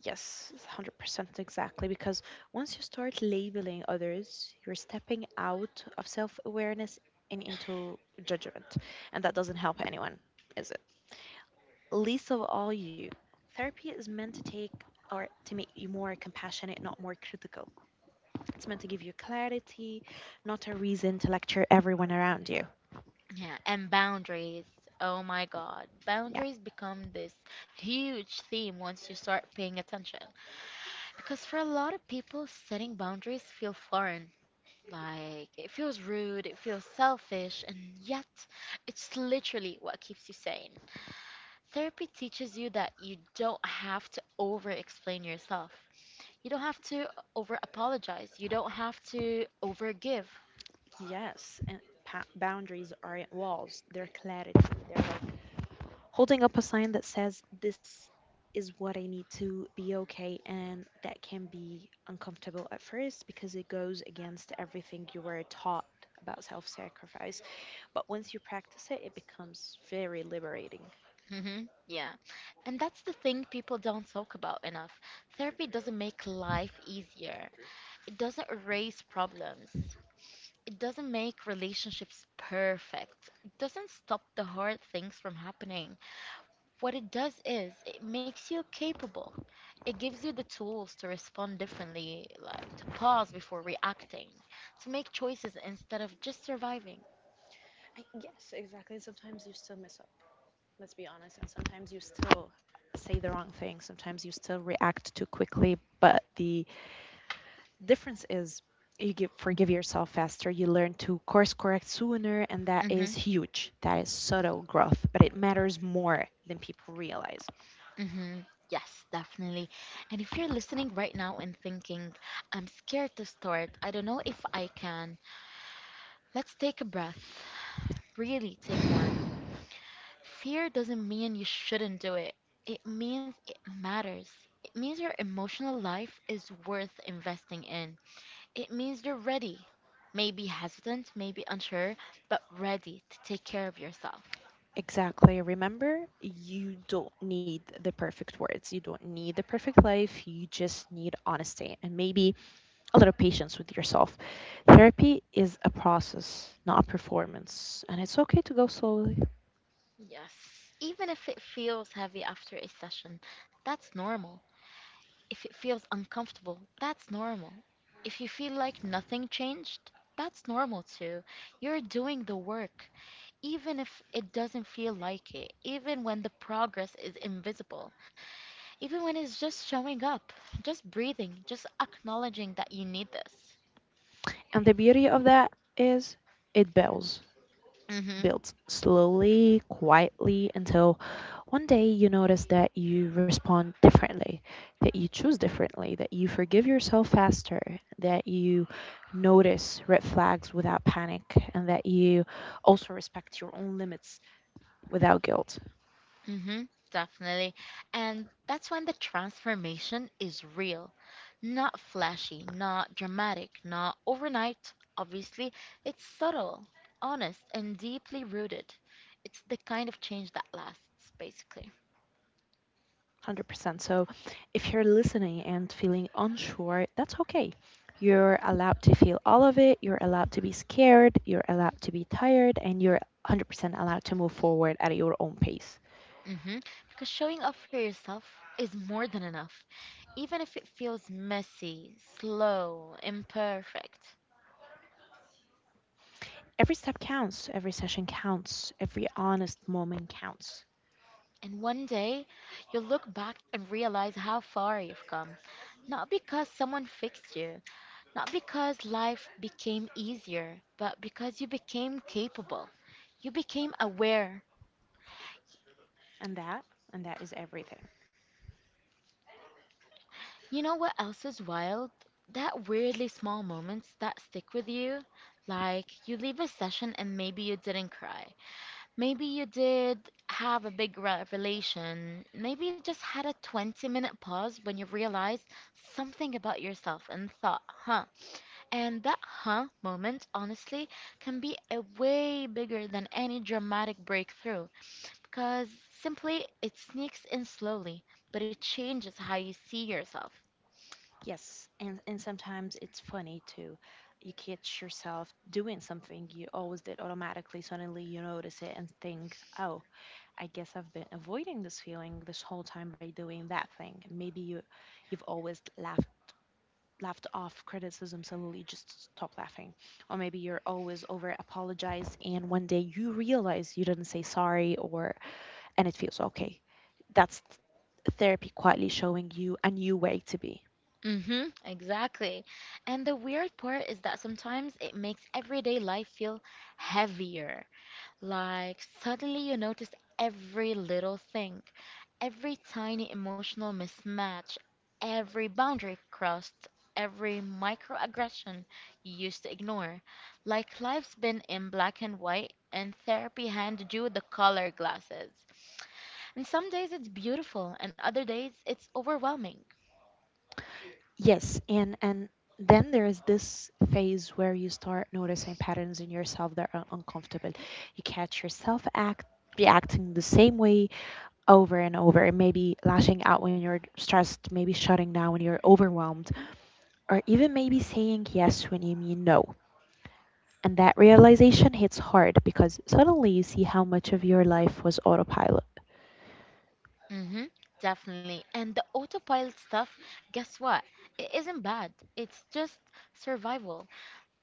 Speaker 1: Yes, 100% exactly. Because once you start labeling others, you're stepping out of self awareness and into judgment. And that doesn't help anyone, is it? Least of all you. Therapy is meant to take or to make you more compassionate, not more critical. It's meant to give you clarity, not a reason to lecture everyone around you.
Speaker 2: Yeah, and boundaries. Oh my God.
Speaker 1: Yeah.
Speaker 2: Boundaries become this huge theme once you start paying attention. Because for a lot of people, setting boundaries feel foreign. Like, it feels rude, it feels selfish, and yet it's literally what keeps you sane. Therapy teaches you that you don't have to over explain yourself. You don't have to over apologize. You don't have to over give.
Speaker 1: Yes. And boundaries aren't walls, they're clarity, they're like holding up a sign that says, this is what I need to be okay. And that can be uncomfortable at first because it goes against everything you were taught about self sacrifice. But once you practice it, it becomes very liberating.
Speaker 2: Hmm. Yeah. And that's the thing people don't talk about enough. Therapy doesn't make life easier, it doesn't erase problems, it doesn't make relationships perfect, it doesn't stop the hard things from happening. What it does is it makes you capable. It gives you the tools to respond differently, like to pause before reacting, to make choices instead of just surviving.
Speaker 1: I, yes, exactly. Sometimes you still mess up, let's be honest. And sometimes you still say the wrong thing. Sometimes you still react too quickly, but the difference is forgive yourself faster, you learn to course correct sooner, and that is huge. That is subtle growth, but it matters more than people realize.
Speaker 2: Hmm. Yes, definitely. And if you're listening right now and thinking, I'm scared to start, I don't know if I can, let's take a breath. Really take one.
Speaker 1: <sighs>
Speaker 2: Fear doesn't mean you shouldn't do it, it means it matters. It means your emotional life is worth investing in. It means you're ready. Maybe hesitant, maybe unsure, but ready to take care of yourself.
Speaker 1: Exactly. Remember, you don't need the perfect words. You don't need the perfect life. You just need honesty and maybe a little patience with yourself. Therapy is a process, not a performance. And it's okay to go slowly.
Speaker 2: Yes. Even if it feels heavy after a session, that's normal. If it feels uncomfortable, that's normal. If you feel like nothing changed, that's normal too. You're doing the work, even if it doesn't feel like it, even when the progress is invisible, even when it's just showing up, just breathing, just acknowledging that you need this.
Speaker 1: And the beauty of that is it builds. Builds slowly, quietly, until one day you notice that you respond differently, that you choose differently, that you forgive yourself faster, that you notice red flags without panic, and that you also respect your own limits without guilt.
Speaker 2: Mm-hmm, definitely. And that's when the transformation is real. Not flashy, not dramatic, not overnight, obviously. It's subtle, honest, and deeply rooted. It's the kind of change that lasts, basically.
Speaker 1: 100%. So if you're listening and feeling unsure, that's okay. You're allowed to feel all of it. You're allowed to be scared. You're allowed to be tired. And you're 100% allowed to move forward at your own pace.
Speaker 2: Mm-hmm. Because showing up for yourself is more than enough, even if it feels messy, slow, imperfect.
Speaker 1: Every step counts, every session counts, every honest moment counts.
Speaker 2: And one day, you'll look back and realize how far you've come. Not because someone fixed you, not because life became easier, but because you became capable. You became aware.
Speaker 1: And that, and that is everything.
Speaker 2: You know what else is wild? That weirdly small moments that stick with you. Like, you leave a session and maybe you didn't cry. Maybe you did have a big revelation. Maybe you just had a 20-minute pause when you realized something about yourself and thought, huh? And that huh moment, honestly, can be a way bigger than any dramatic breakthrough because simply it sneaks in slowly, but it changes how you see yourself.
Speaker 1: Yes, and sometimes it's funny too. You catch yourself doing something you always did automatically. Suddenly you notice it and think, "Oh, I guess I've been avoiding this feeling this whole time by doing that thing." Maybe you've always laughed off criticism, suddenly just stop laughing. Or maybe you're always over apologize and one day you realize you didn't say sorry, or and it feels okay. That's therapy quietly showing you a new way to be.
Speaker 2: Mm-hmm, exactly. And the weird part is that sometimes it makes everyday life feel heavier. Like, suddenly you notice every little thing, every tiny emotional mismatch, every boundary crossed, every microaggression you used to ignore. Like, life's been in black and white, and therapy handed you the color glasses. And some days it's beautiful, and other days it's overwhelming.
Speaker 1: Yes, and then there is this phase where you start noticing patterns in yourself that are uncomfortable. You catch yourself act reacting the same way over and over, and maybe lashing out when you're stressed, maybe shutting down when you're overwhelmed, or even maybe saying yes when you mean no. And that realization hits hard because suddenly you see how much of your life was autopilot.
Speaker 2: Mm-hmm, definitely. And the autopilot stuff, guess what? It isn't bad. It's just survival.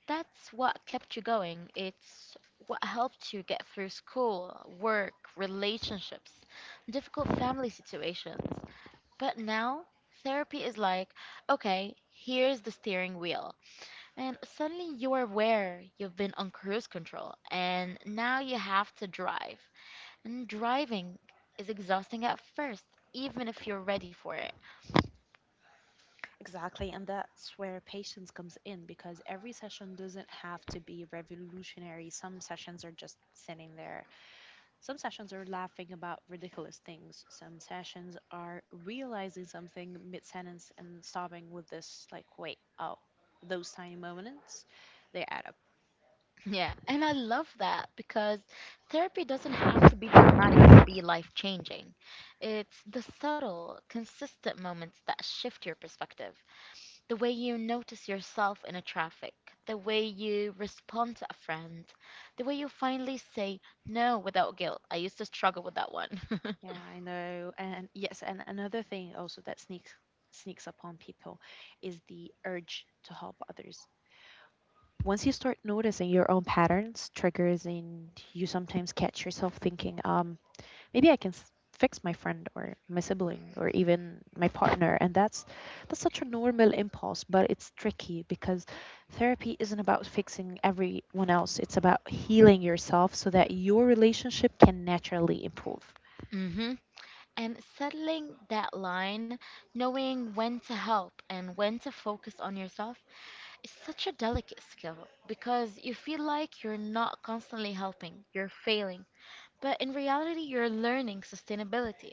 Speaker 2: That's what kept you going. It's what helped you get through school, work, relationships, difficult family situations. But now, therapy is like, okay, here's the steering wheel. And suddenly you are aware you've been on cruise control, and now you have to drive. And driving is exhausting at first, even if you're ready for it.
Speaker 1: Exactly, and that's where patience comes in because every session doesn't have to be revolutionary. Some sessions are just sitting there. Some sessions are laughing about ridiculous things. Some sessions are realizing something mid sentence and stopping with this, like, wait, oh, those tiny moments, they add up.
Speaker 2: Yeah, and I love that because therapy doesn't have to be dramatic to be life changing. It's the subtle, consistent moments that shift your perspective. The way you notice yourself in a traffic, the way you respond to a friend, the way you finally say no without guilt. I used to struggle with that one.
Speaker 1: Yeah, I know. And yes, and another thing also that sneaks upon people is the urge to help others once you start noticing your own patterns, triggers, and you sometimes catch yourself thinking, maybe I can fix my friend or my sibling or even my partner, and that's such a normal impulse, but it's tricky because therapy isn't about fixing everyone else. It's about healing yourself so that your relationship can naturally improve.
Speaker 2: <laughs> hmm And settling that line, knowing when to help and when to focus on yourself, it's such a delicate skill because you feel like you're not constantly helping, you're failing. But in reality, you're learning sustainability.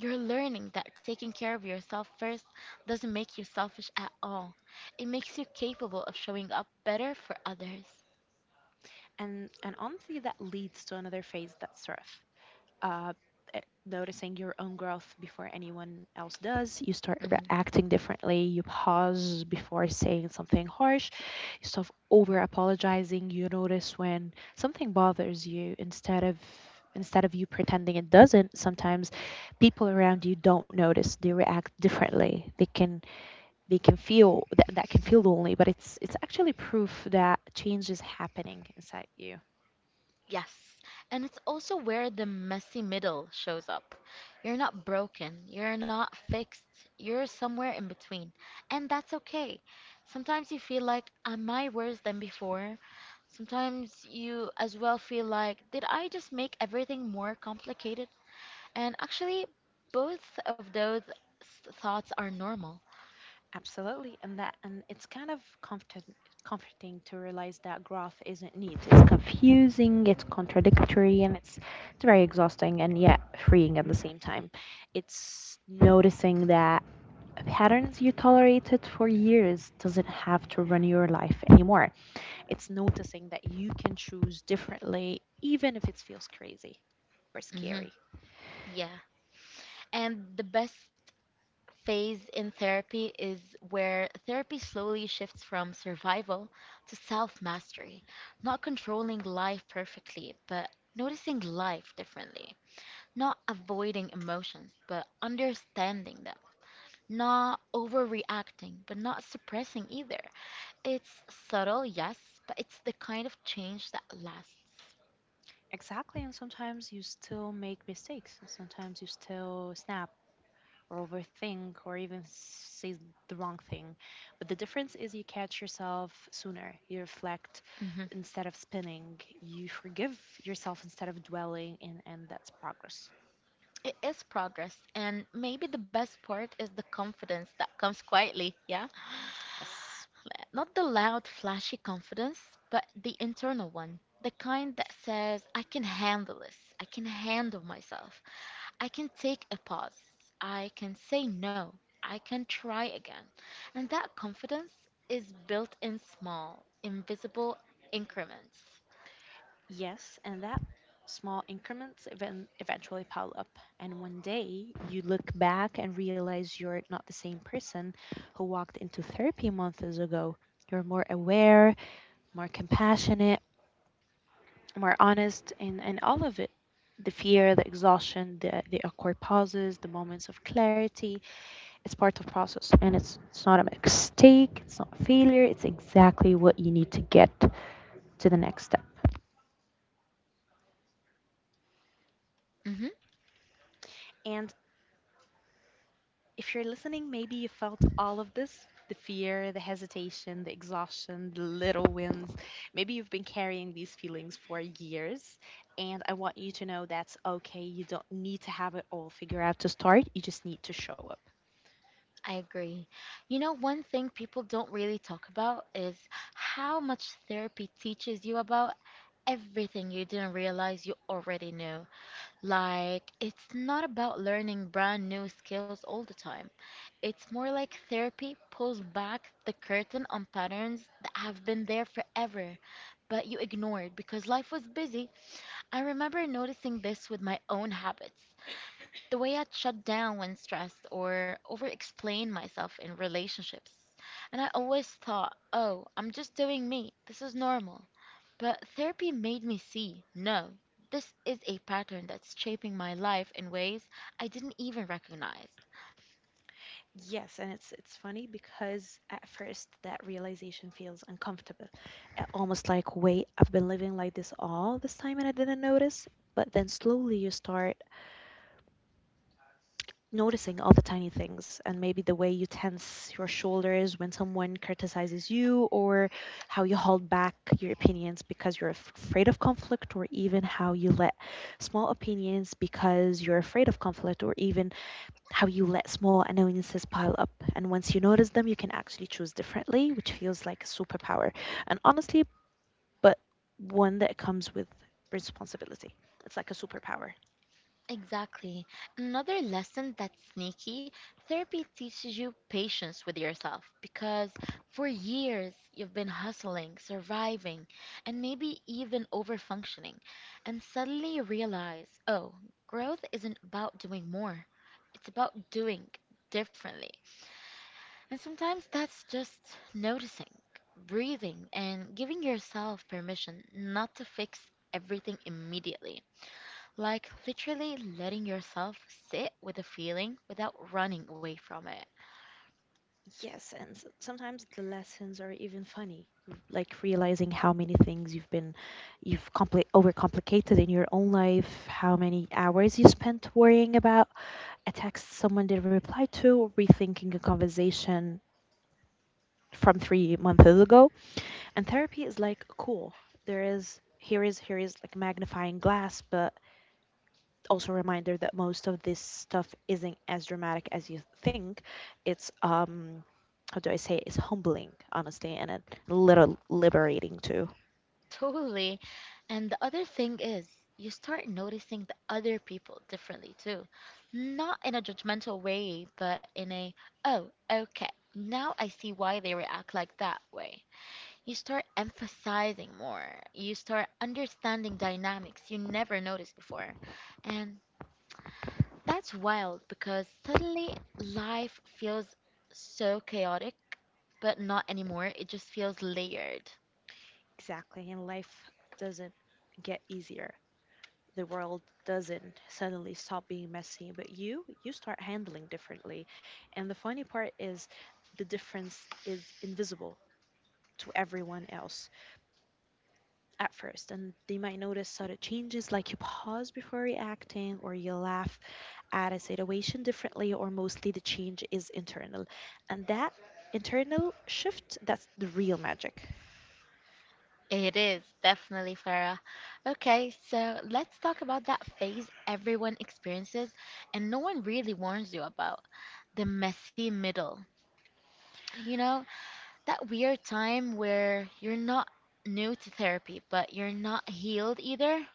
Speaker 2: You're learning that taking care of yourself first doesn't make you selfish at all. It makes you capable of showing up better for others.
Speaker 1: And honestly, that leads to another phase that's rough. uh, Noticing your own growth before anyone else does. You start reacting differently. You pause before saying something harsh. You stop over apologizing. You notice when something bothers you instead of you pretending it doesn't. Sometimes people around you don't notice, they react differently, they can feel that, that can feel lonely, but it's actually proof that change is happening inside you.
Speaker 2: Yes, and it's also where the messy middle shows up. You're not broken, you're not fixed, you're somewhere in between. And that's okay. Sometimes you feel like, am I worse than before? Sometimes you as well feel like, did I just make everything more complicated? And actually, both of those thoughts are normal.
Speaker 1: Absolutely, and it's kind of comforting to realize that growth isn't neat. It's confusing, it's contradictory, and it's very exhausting and yet freeing at the same time. It's noticing that patterns you tolerated for years doesn't have to run your life anymore. It's noticing that you can choose differently, even if it feels crazy or
Speaker 2: Hmm,
Speaker 1: scary.
Speaker 2: yeah. And the best phase in therapy is where therapy slowly shifts from survival to self mastery, not controlling life perfectly, but noticing life differently, not avoiding emotions, but understanding them, not overreacting, but not suppressing either. It's subtle, yes, but it's the kind of change that lasts.
Speaker 1: Exactly, and sometimes you still make mistakes, and sometimes you still snap or overthink or even say the wrong thing. But the difference is you catch yourself sooner, you reflect
Speaker 2: Mhm.
Speaker 1: instead of spinning, you forgive yourself instead of dwelling, and that's progress.
Speaker 2: It is progress, and maybe the best part is the confidence that comes quietly, yeah.
Speaker 1: Yes.
Speaker 2: Not the loud, flashy confidence, but the internal one. The kind that says, I can handle this. I can handle myself. I can take a pause. I can say no. I can try again. And that confidence is built in small, invisible increments.
Speaker 1: Yes. And that small increments even eventually pile up. And one day you look back and realize you're not the same person who walked into therapy months ago. You're more aware, more compassionate, more honest in all of it: the fear, the exhaustion, the awkward pauses, the moments of clarity. It's part of process, and it's not a mistake, it's not a failure, it's exactly what you need to get to the next step.
Speaker 2: Mm-hmm,
Speaker 1: And if you're listening, maybe you felt all of this: the fear, the hesitation, the exhaustion, the little wins. Maybe you've been carrying these feelings for years, and I want you to know that's okay. You don't need to have it all figured out to start. You just need to show up.
Speaker 2: I agree. You know, one thing people don't really talk about is how much therapy teaches you about everything you didn't realize you already knew. Like, it's not about learning brand new skills all the time. It's more like therapy pulls back the curtain on patterns that have been there forever, but you ignored because life was busy. I remember noticing this with my own habits. The way I shut down when stressed or over-explain myself in relationships. And I always thought, oh, I'm just doing me. This is normal. But therapy made me see, no, this is a pattern that's shaping my life in ways I didn't even recognize.
Speaker 1: Yes, and it's funny because at first that realization feels uncomfortable. Almost like, wait, I've been living like this all this time and I didn't notice. But then slowly you start noticing all the tiny things, and maybe the way you tense your shoulders when someone criticizes you, or how you hold back your opinions because you're afraid of conflict, or even how you let small opinions because you're afraid of conflict, or even how you let small annoyances pile up. And once you notice them, you can actually choose differently, which feels like a superpower. And honestly, but one that comes with responsibility. It's like a superpower.
Speaker 2: Exactly. Another lesson that's sneaky, therapy teaches you patience with yourself because for years you've been hustling, surviving, and maybe even overfunctioning. And suddenly you realize, oh, growth isn't about doing more, it's about doing differently. And sometimes that's just noticing, breathing, and giving yourself permission not to fix everything immediately. Like literally letting yourself sit with a feeling without running away from it. <laughs>
Speaker 1: Yes, and sometimes the lessons are even funny, like realizing how many things you've compli overcomplicated in your own life, how many hours you spent worrying about a text someone didn't reply to, or rethinking a conversation from 3 months ago. And therapy is like cool. There is here is here is like magnifying glass, but also a reminder that most of this stuff isn't as dramatic as you think. It's how do I say it? It's humbling, honestly, and a little liberating too.
Speaker 2: Totally. And the other thing is, you start noticing the other people differently too. Not in a judgmental way, but in a, oh, okay, now I see why they react like that way. You start emphasizing more. You start understanding dynamics you never noticed before. And that's wild because suddenly life feels so chaotic but not anymore. It just feels layered.
Speaker 1: Exactly. And life doesn't get easier. The world doesn't suddenly stop being messy, but you start handling differently. And the funny part is the difference is invisible to everyone else at first, and they might notice subtle changes like you pause before reacting or you laugh at a situation differently, or mostly the change is internal. And that internal shift, that's the real magic.
Speaker 2: It is definitely, Farah. Okay, so let's talk about that phase everyone experiences and no one really warns you about, the messy middle. You know, that weird time where you're not new to therapy, but you're not healed either.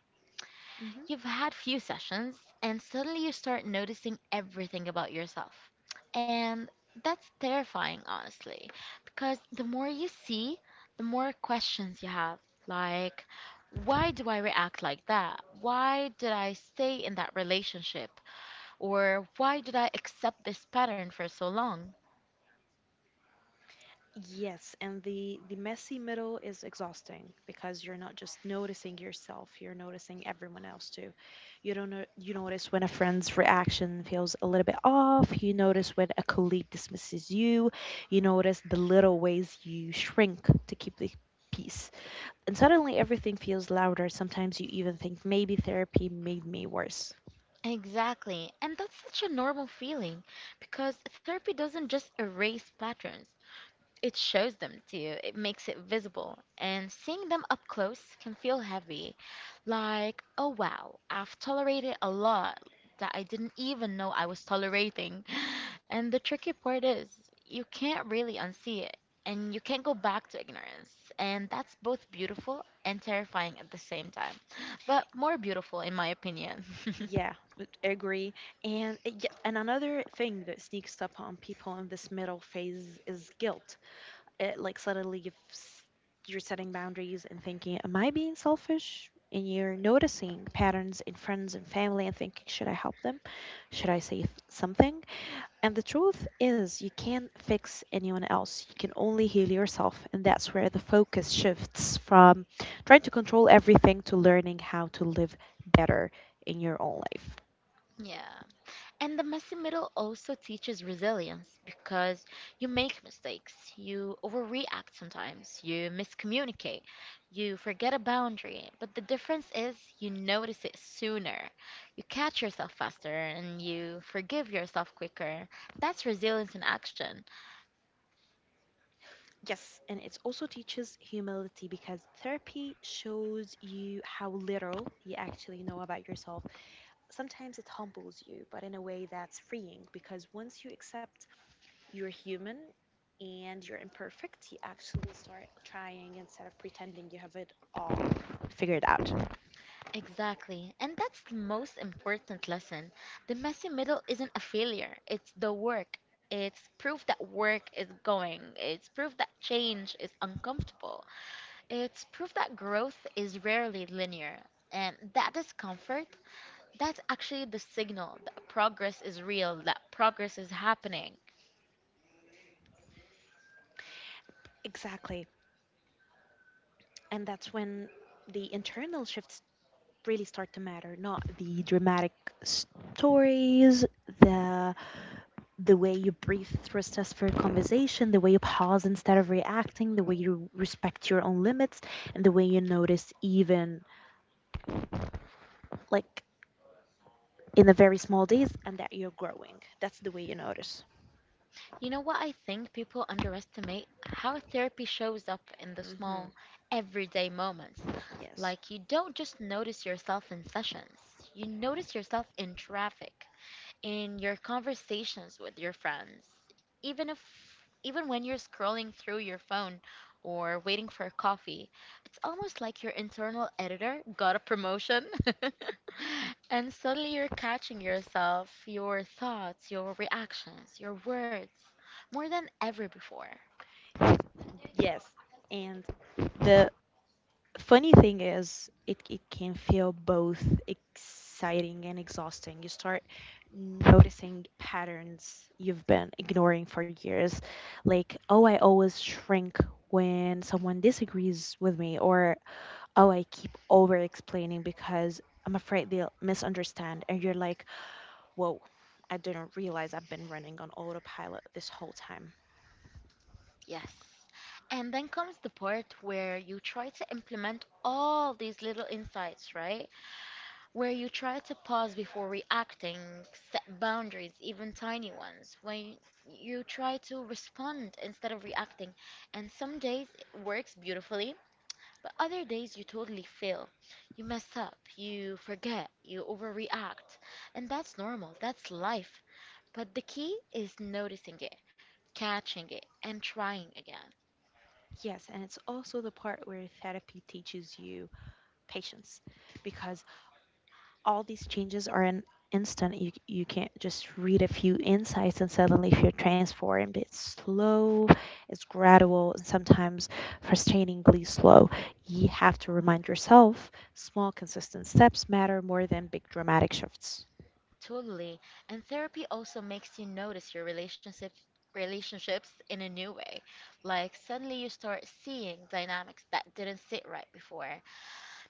Speaker 1: Mhm.
Speaker 2: You've had few sessions, and suddenly you start noticing everything about yourself. And that's terrifying, honestly, because the more you see, the more questions you have. Like, why do I react like that? Why did I stay in that relationship? Or why did I accept this pattern for so long?
Speaker 1: Yes, and the messy middle is exhausting because you're not just noticing yourself, you're noticing everyone else too. You don't know, you notice when a friend's reaction feels a little bit off, you notice when a colleague dismisses you, you notice the little ways you shrink to keep the peace. And suddenly everything feels louder. Sometimes you even think maybe therapy made me worse.
Speaker 2: Exactly. And that's such a normal feeling because therapy doesn't just erase patterns, it shows them to you, it makes it visible, and seeing them up close can feel heavy. Like, oh wow, I've tolerated a lot that I didn't even know I was tolerating. <laughs> <sighs> And the tricky part is, you can't really unsee it, and you can't go back to ignorance. And that's both beautiful and terrifying at the same time, but more beautiful, in my opinion. <laughs>
Speaker 1: Yeah, I agree. And yeah, and another thing that sneaks up on people in this middle phase is guilt. It like suddenly you're setting boundaries and thinking, am I being selfish? And you're noticing patterns in friends and family and thinking, should I help them? Should I say something? And the truth is, you can't fix anyone else. You can only heal yourself. And that's where the focus shifts from trying to control everything to learning how to live better in your own life.
Speaker 2: Yeah. And the messy middle also teaches resilience because you make mistakes, you overreact sometimes, you miscommunicate, you forget a boundary. But the difference is you notice it sooner, you catch yourself faster, and you forgive yourself quicker. That's resilience in action.
Speaker 1: Yes, and it also teaches humility because therapy shows you how little you actually know about yourself. Sometimes it humbles you, but in a way that's freeing because once you accept you're human and you're imperfect, you actually start trying instead of pretending you have it all figured out.
Speaker 2: Exactly. And that's the most important lesson. The messy middle isn't a failure, it's the work. It's proof that work is going. It's proof that change is uncomfortable. It's proof that growth is rarely linear, and that discomfort, that's actually the signal that progress is real, that progress is happening.
Speaker 1: Exactly. And that's when the internal shifts really start to matter, not the dramatic stories, the the way you breathe through a stressful conversation, the way you pause instead of reacting, the way you respect your own limits, and the way you notice even like in the very small days and that you're growing. That's the way you notice.
Speaker 2: You know what I think people underestimate? How therapy shows up in the
Speaker 1: Hmm.
Speaker 2: small, everyday moments.
Speaker 1: Yes.
Speaker 2: Like, you don't just notice yourself in sessions, you notice yourself in traffic, in your conversations with your friends, even if, even when you're scrolling through your phone or waiting for a coffee, it's almost like your internal editor got a promotion. <laughs> And suddenly you're catching yourself, your thoughts, your reactions, your words more than ever before.
Speaker 1: Yes. And the funny thing is it can feel both exciting and exhausting. You start noticing patterns you've been ignoring for years, like, oh, I always shrink when someone disagrees with me, or, oh, I keep over explaining because I'm afraid they'll misunderstand. And you're like, whoa, I didn't realize I've been running on autopilot this whole time.
Speaker 2: Yes. And then comes the part where you try to implement all these little insights, right? Where you try to pause before reacting, set boundaries, even tiny ones, when you try to respond instead of reacting. And some days it works beautifully, but other days you totally fail. You mess up, you forget, you overreact. And that's normal, that's life. But the key is noticing it, catching it, and trying again.
Speaker 1: Yes, and it's also the part where therapy teaches you patience because all these changes are an instant. You can't just read a few insights and suddenly feel transformed. It's slow, it's gradual, and sometimes frustratingly slow. You have to remind yourself small, consistent steps matter more than big dramatic shifts.
Speaker 2: Totally. And therapy also makes you notice your relationships in a new way. Like suddenly you start seeing dynamics that didn't sit right before.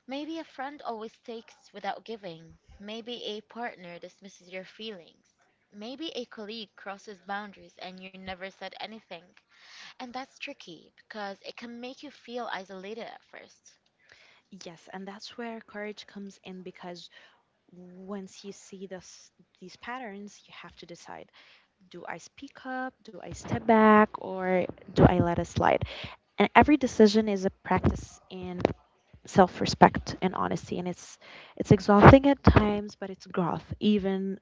Speaker 2: Maybe a friend always takes without giving. Maybe a partner dismisses your feelings. Maybe a colleague crosses boundaries and you never said anything. And that's tricky because it can make you feel isolated at first.
Speaker 1: Yes, and that's where courage comes in because once you see this, these patterns, you have to decide, do I speak up? Do I step back? Or do I let it slide? And every decision is a practice in self-respect and honesty, and it's exhausting at times, but it's growth. Even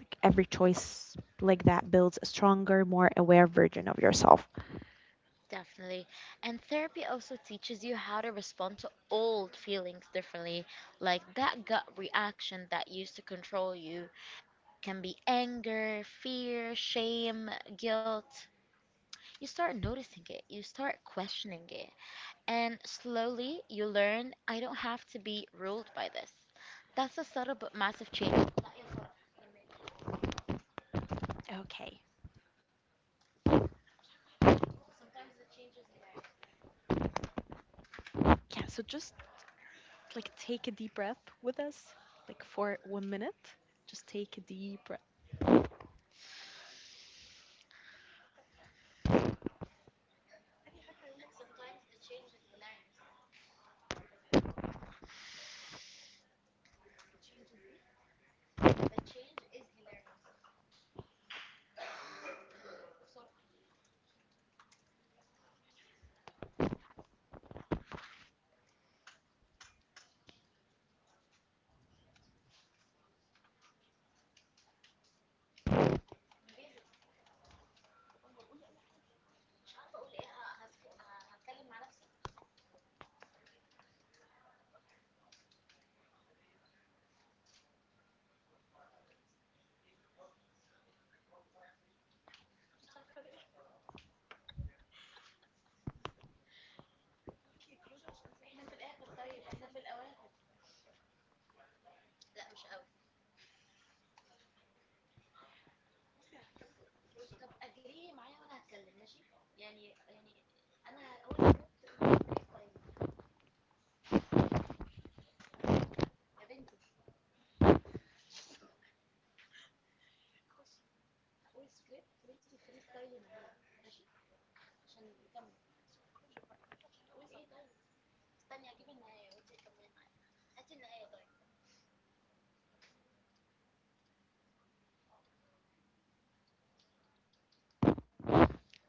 Speaker 1: like every choice like that builds a stronger, more aware version of yourself.
Speaker 2: Definitely. And therapy also teaches you how to respond to old feelings differently. Like that gut reaction that used to control you can be anger, fear, shame, guilt. You start noticing it, you start questioning it. And slowly you learn, I don't have to be ruled by this. That's a subtle but massive change.
Speaker 1: Okay. Yeah, so just like take a deep breath with us, like for 1 minute. Just take a deep breath.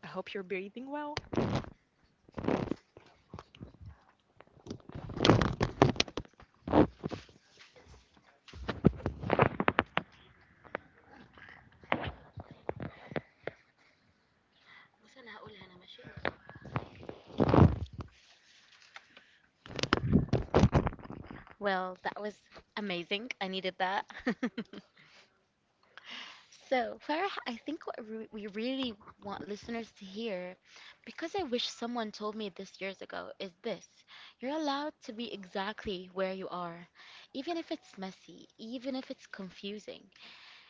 Speaker 1: I hope you're breathing well.
Speaker 2: Well, that was amazing. I needed that. <laughs> So, Farah, I think we really want listeners to hear, because I wish someone told me this years ago, is this. You're allowed to be exactly where you are, even if it's messy, even if it's confusing,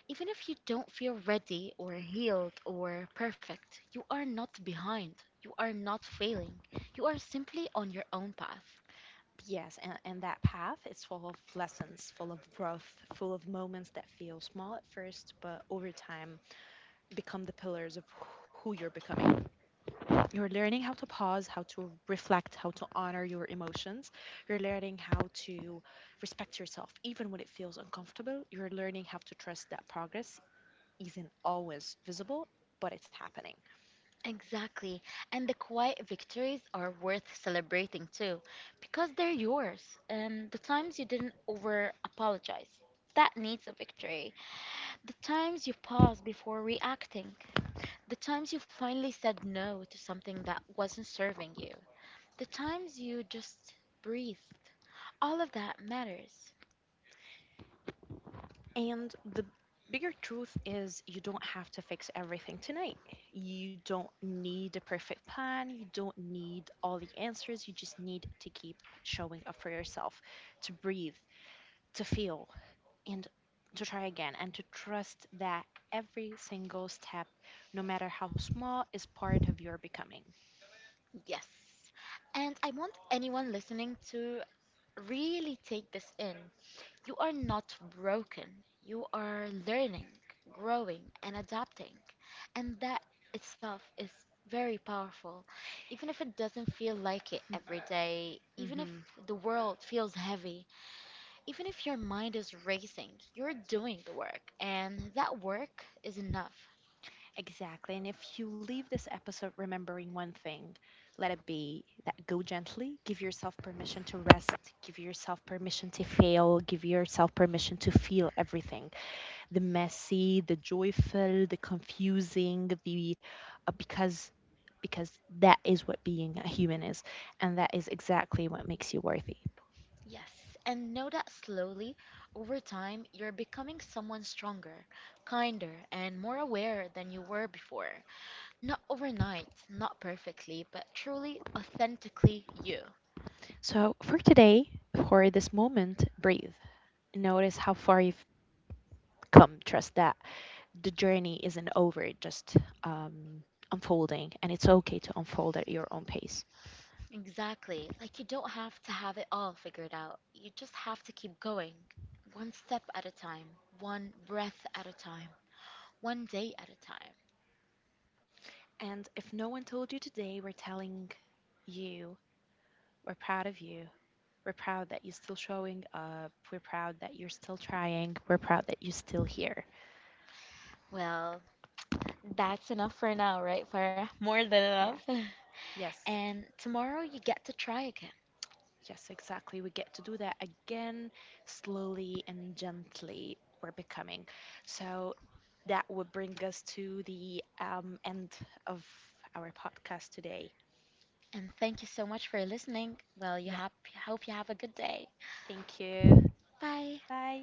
Speaker 2: even if you don't feel ready or healed or perfect. You are not behind. You are not failing. You are simply on your own path.
Speaker 1: Yes, and that path is full of lessons, full of growth, full of moments that feel small at first, but over time become the pillars of who you're becoming. You're learning how to pause, how to reflect, how to honor your emotions. You're learning how to respect yourself, even when it feels uncomfortable. You're learning how to trust that progress isn't always visible, but it's happening.
Speaker 2: Exactly. And the quiet victories are worth celebrating too, because they're yours. And the times you didn't over apologize, that needs a victory. The times you paused before reacting, the times you finally said no to something that wasn't serving you, the times you just breathed. All of that matters.
Speaker 1: And the bigger truth is you don't have to fix everything tonight. You don't need a perfect plan. You don't need all the answers. You just need to keep showing up for yourself, to breathe, to feel, and to try again, and to trust that every single step, no matter how small, is part of your becoming.
Speaker 2: Yes. And I want anyone listening to really take this in. You are not broken. You are learning, growing, and adapting. And that itself is very powerful. Even if it doesn't feel like it every day, even if
Speaker 1: Hmm.
Speaker 2: the world feels heavy, even if your mind is racing, you're doing the work. And that work is enough.
Speaker 1: Exactly. And if you leave this episode remembering one thing, let it be that go gently, give yourself permission to rest, give yourself permission to fail, give yourself permission to feel everything, the messy, the joyful, the confusing, the uh, because because that is what being a human is, and that is exactly what makes you worthy.
Speaker 2: Yes, and know that slowly, over time, you're becoming someone stronger, kinder, and more aware than you were before. Not overnight, not perfectly, but truly, authentically you.
Speaker 1: So, for today, for this moment, breathe. Notice how far you've come. Trust that the journey isn't over, just unfolding, and it's okay to unfold at your own pace.
Speaker 2: Exactly. Like you don't have to have it all figured out. You just have to keep going. One step at a time, one breath at a time, one day at a time.
Speaker 1: And if no one told you today, we're telling you we're proud of you. We're proud that you're still showing up. We're proud that you're still trying. We're proud that you're still here.
Speaker 2: Well, that's enough for now, right, Farah? <laughs> More than
Speaker 1: Yeah.
Speaker 2: enough. <laughs>
Speaker 1: Yes,
Speaker 2: And tomorrow you get to try again.
Speaker 1: yes, exactly. We get to do that again, slowly and gently. We're becoming. So that would bring us to the end of our podcast today.
Speaker 2: And thank you so much for listening. Well,
Speaker 1: Yeah,
Speaker 2: hope you have a good day.
Speaker 1: thank you.
Speaker 2: Bye.
Speaker 1: Bye.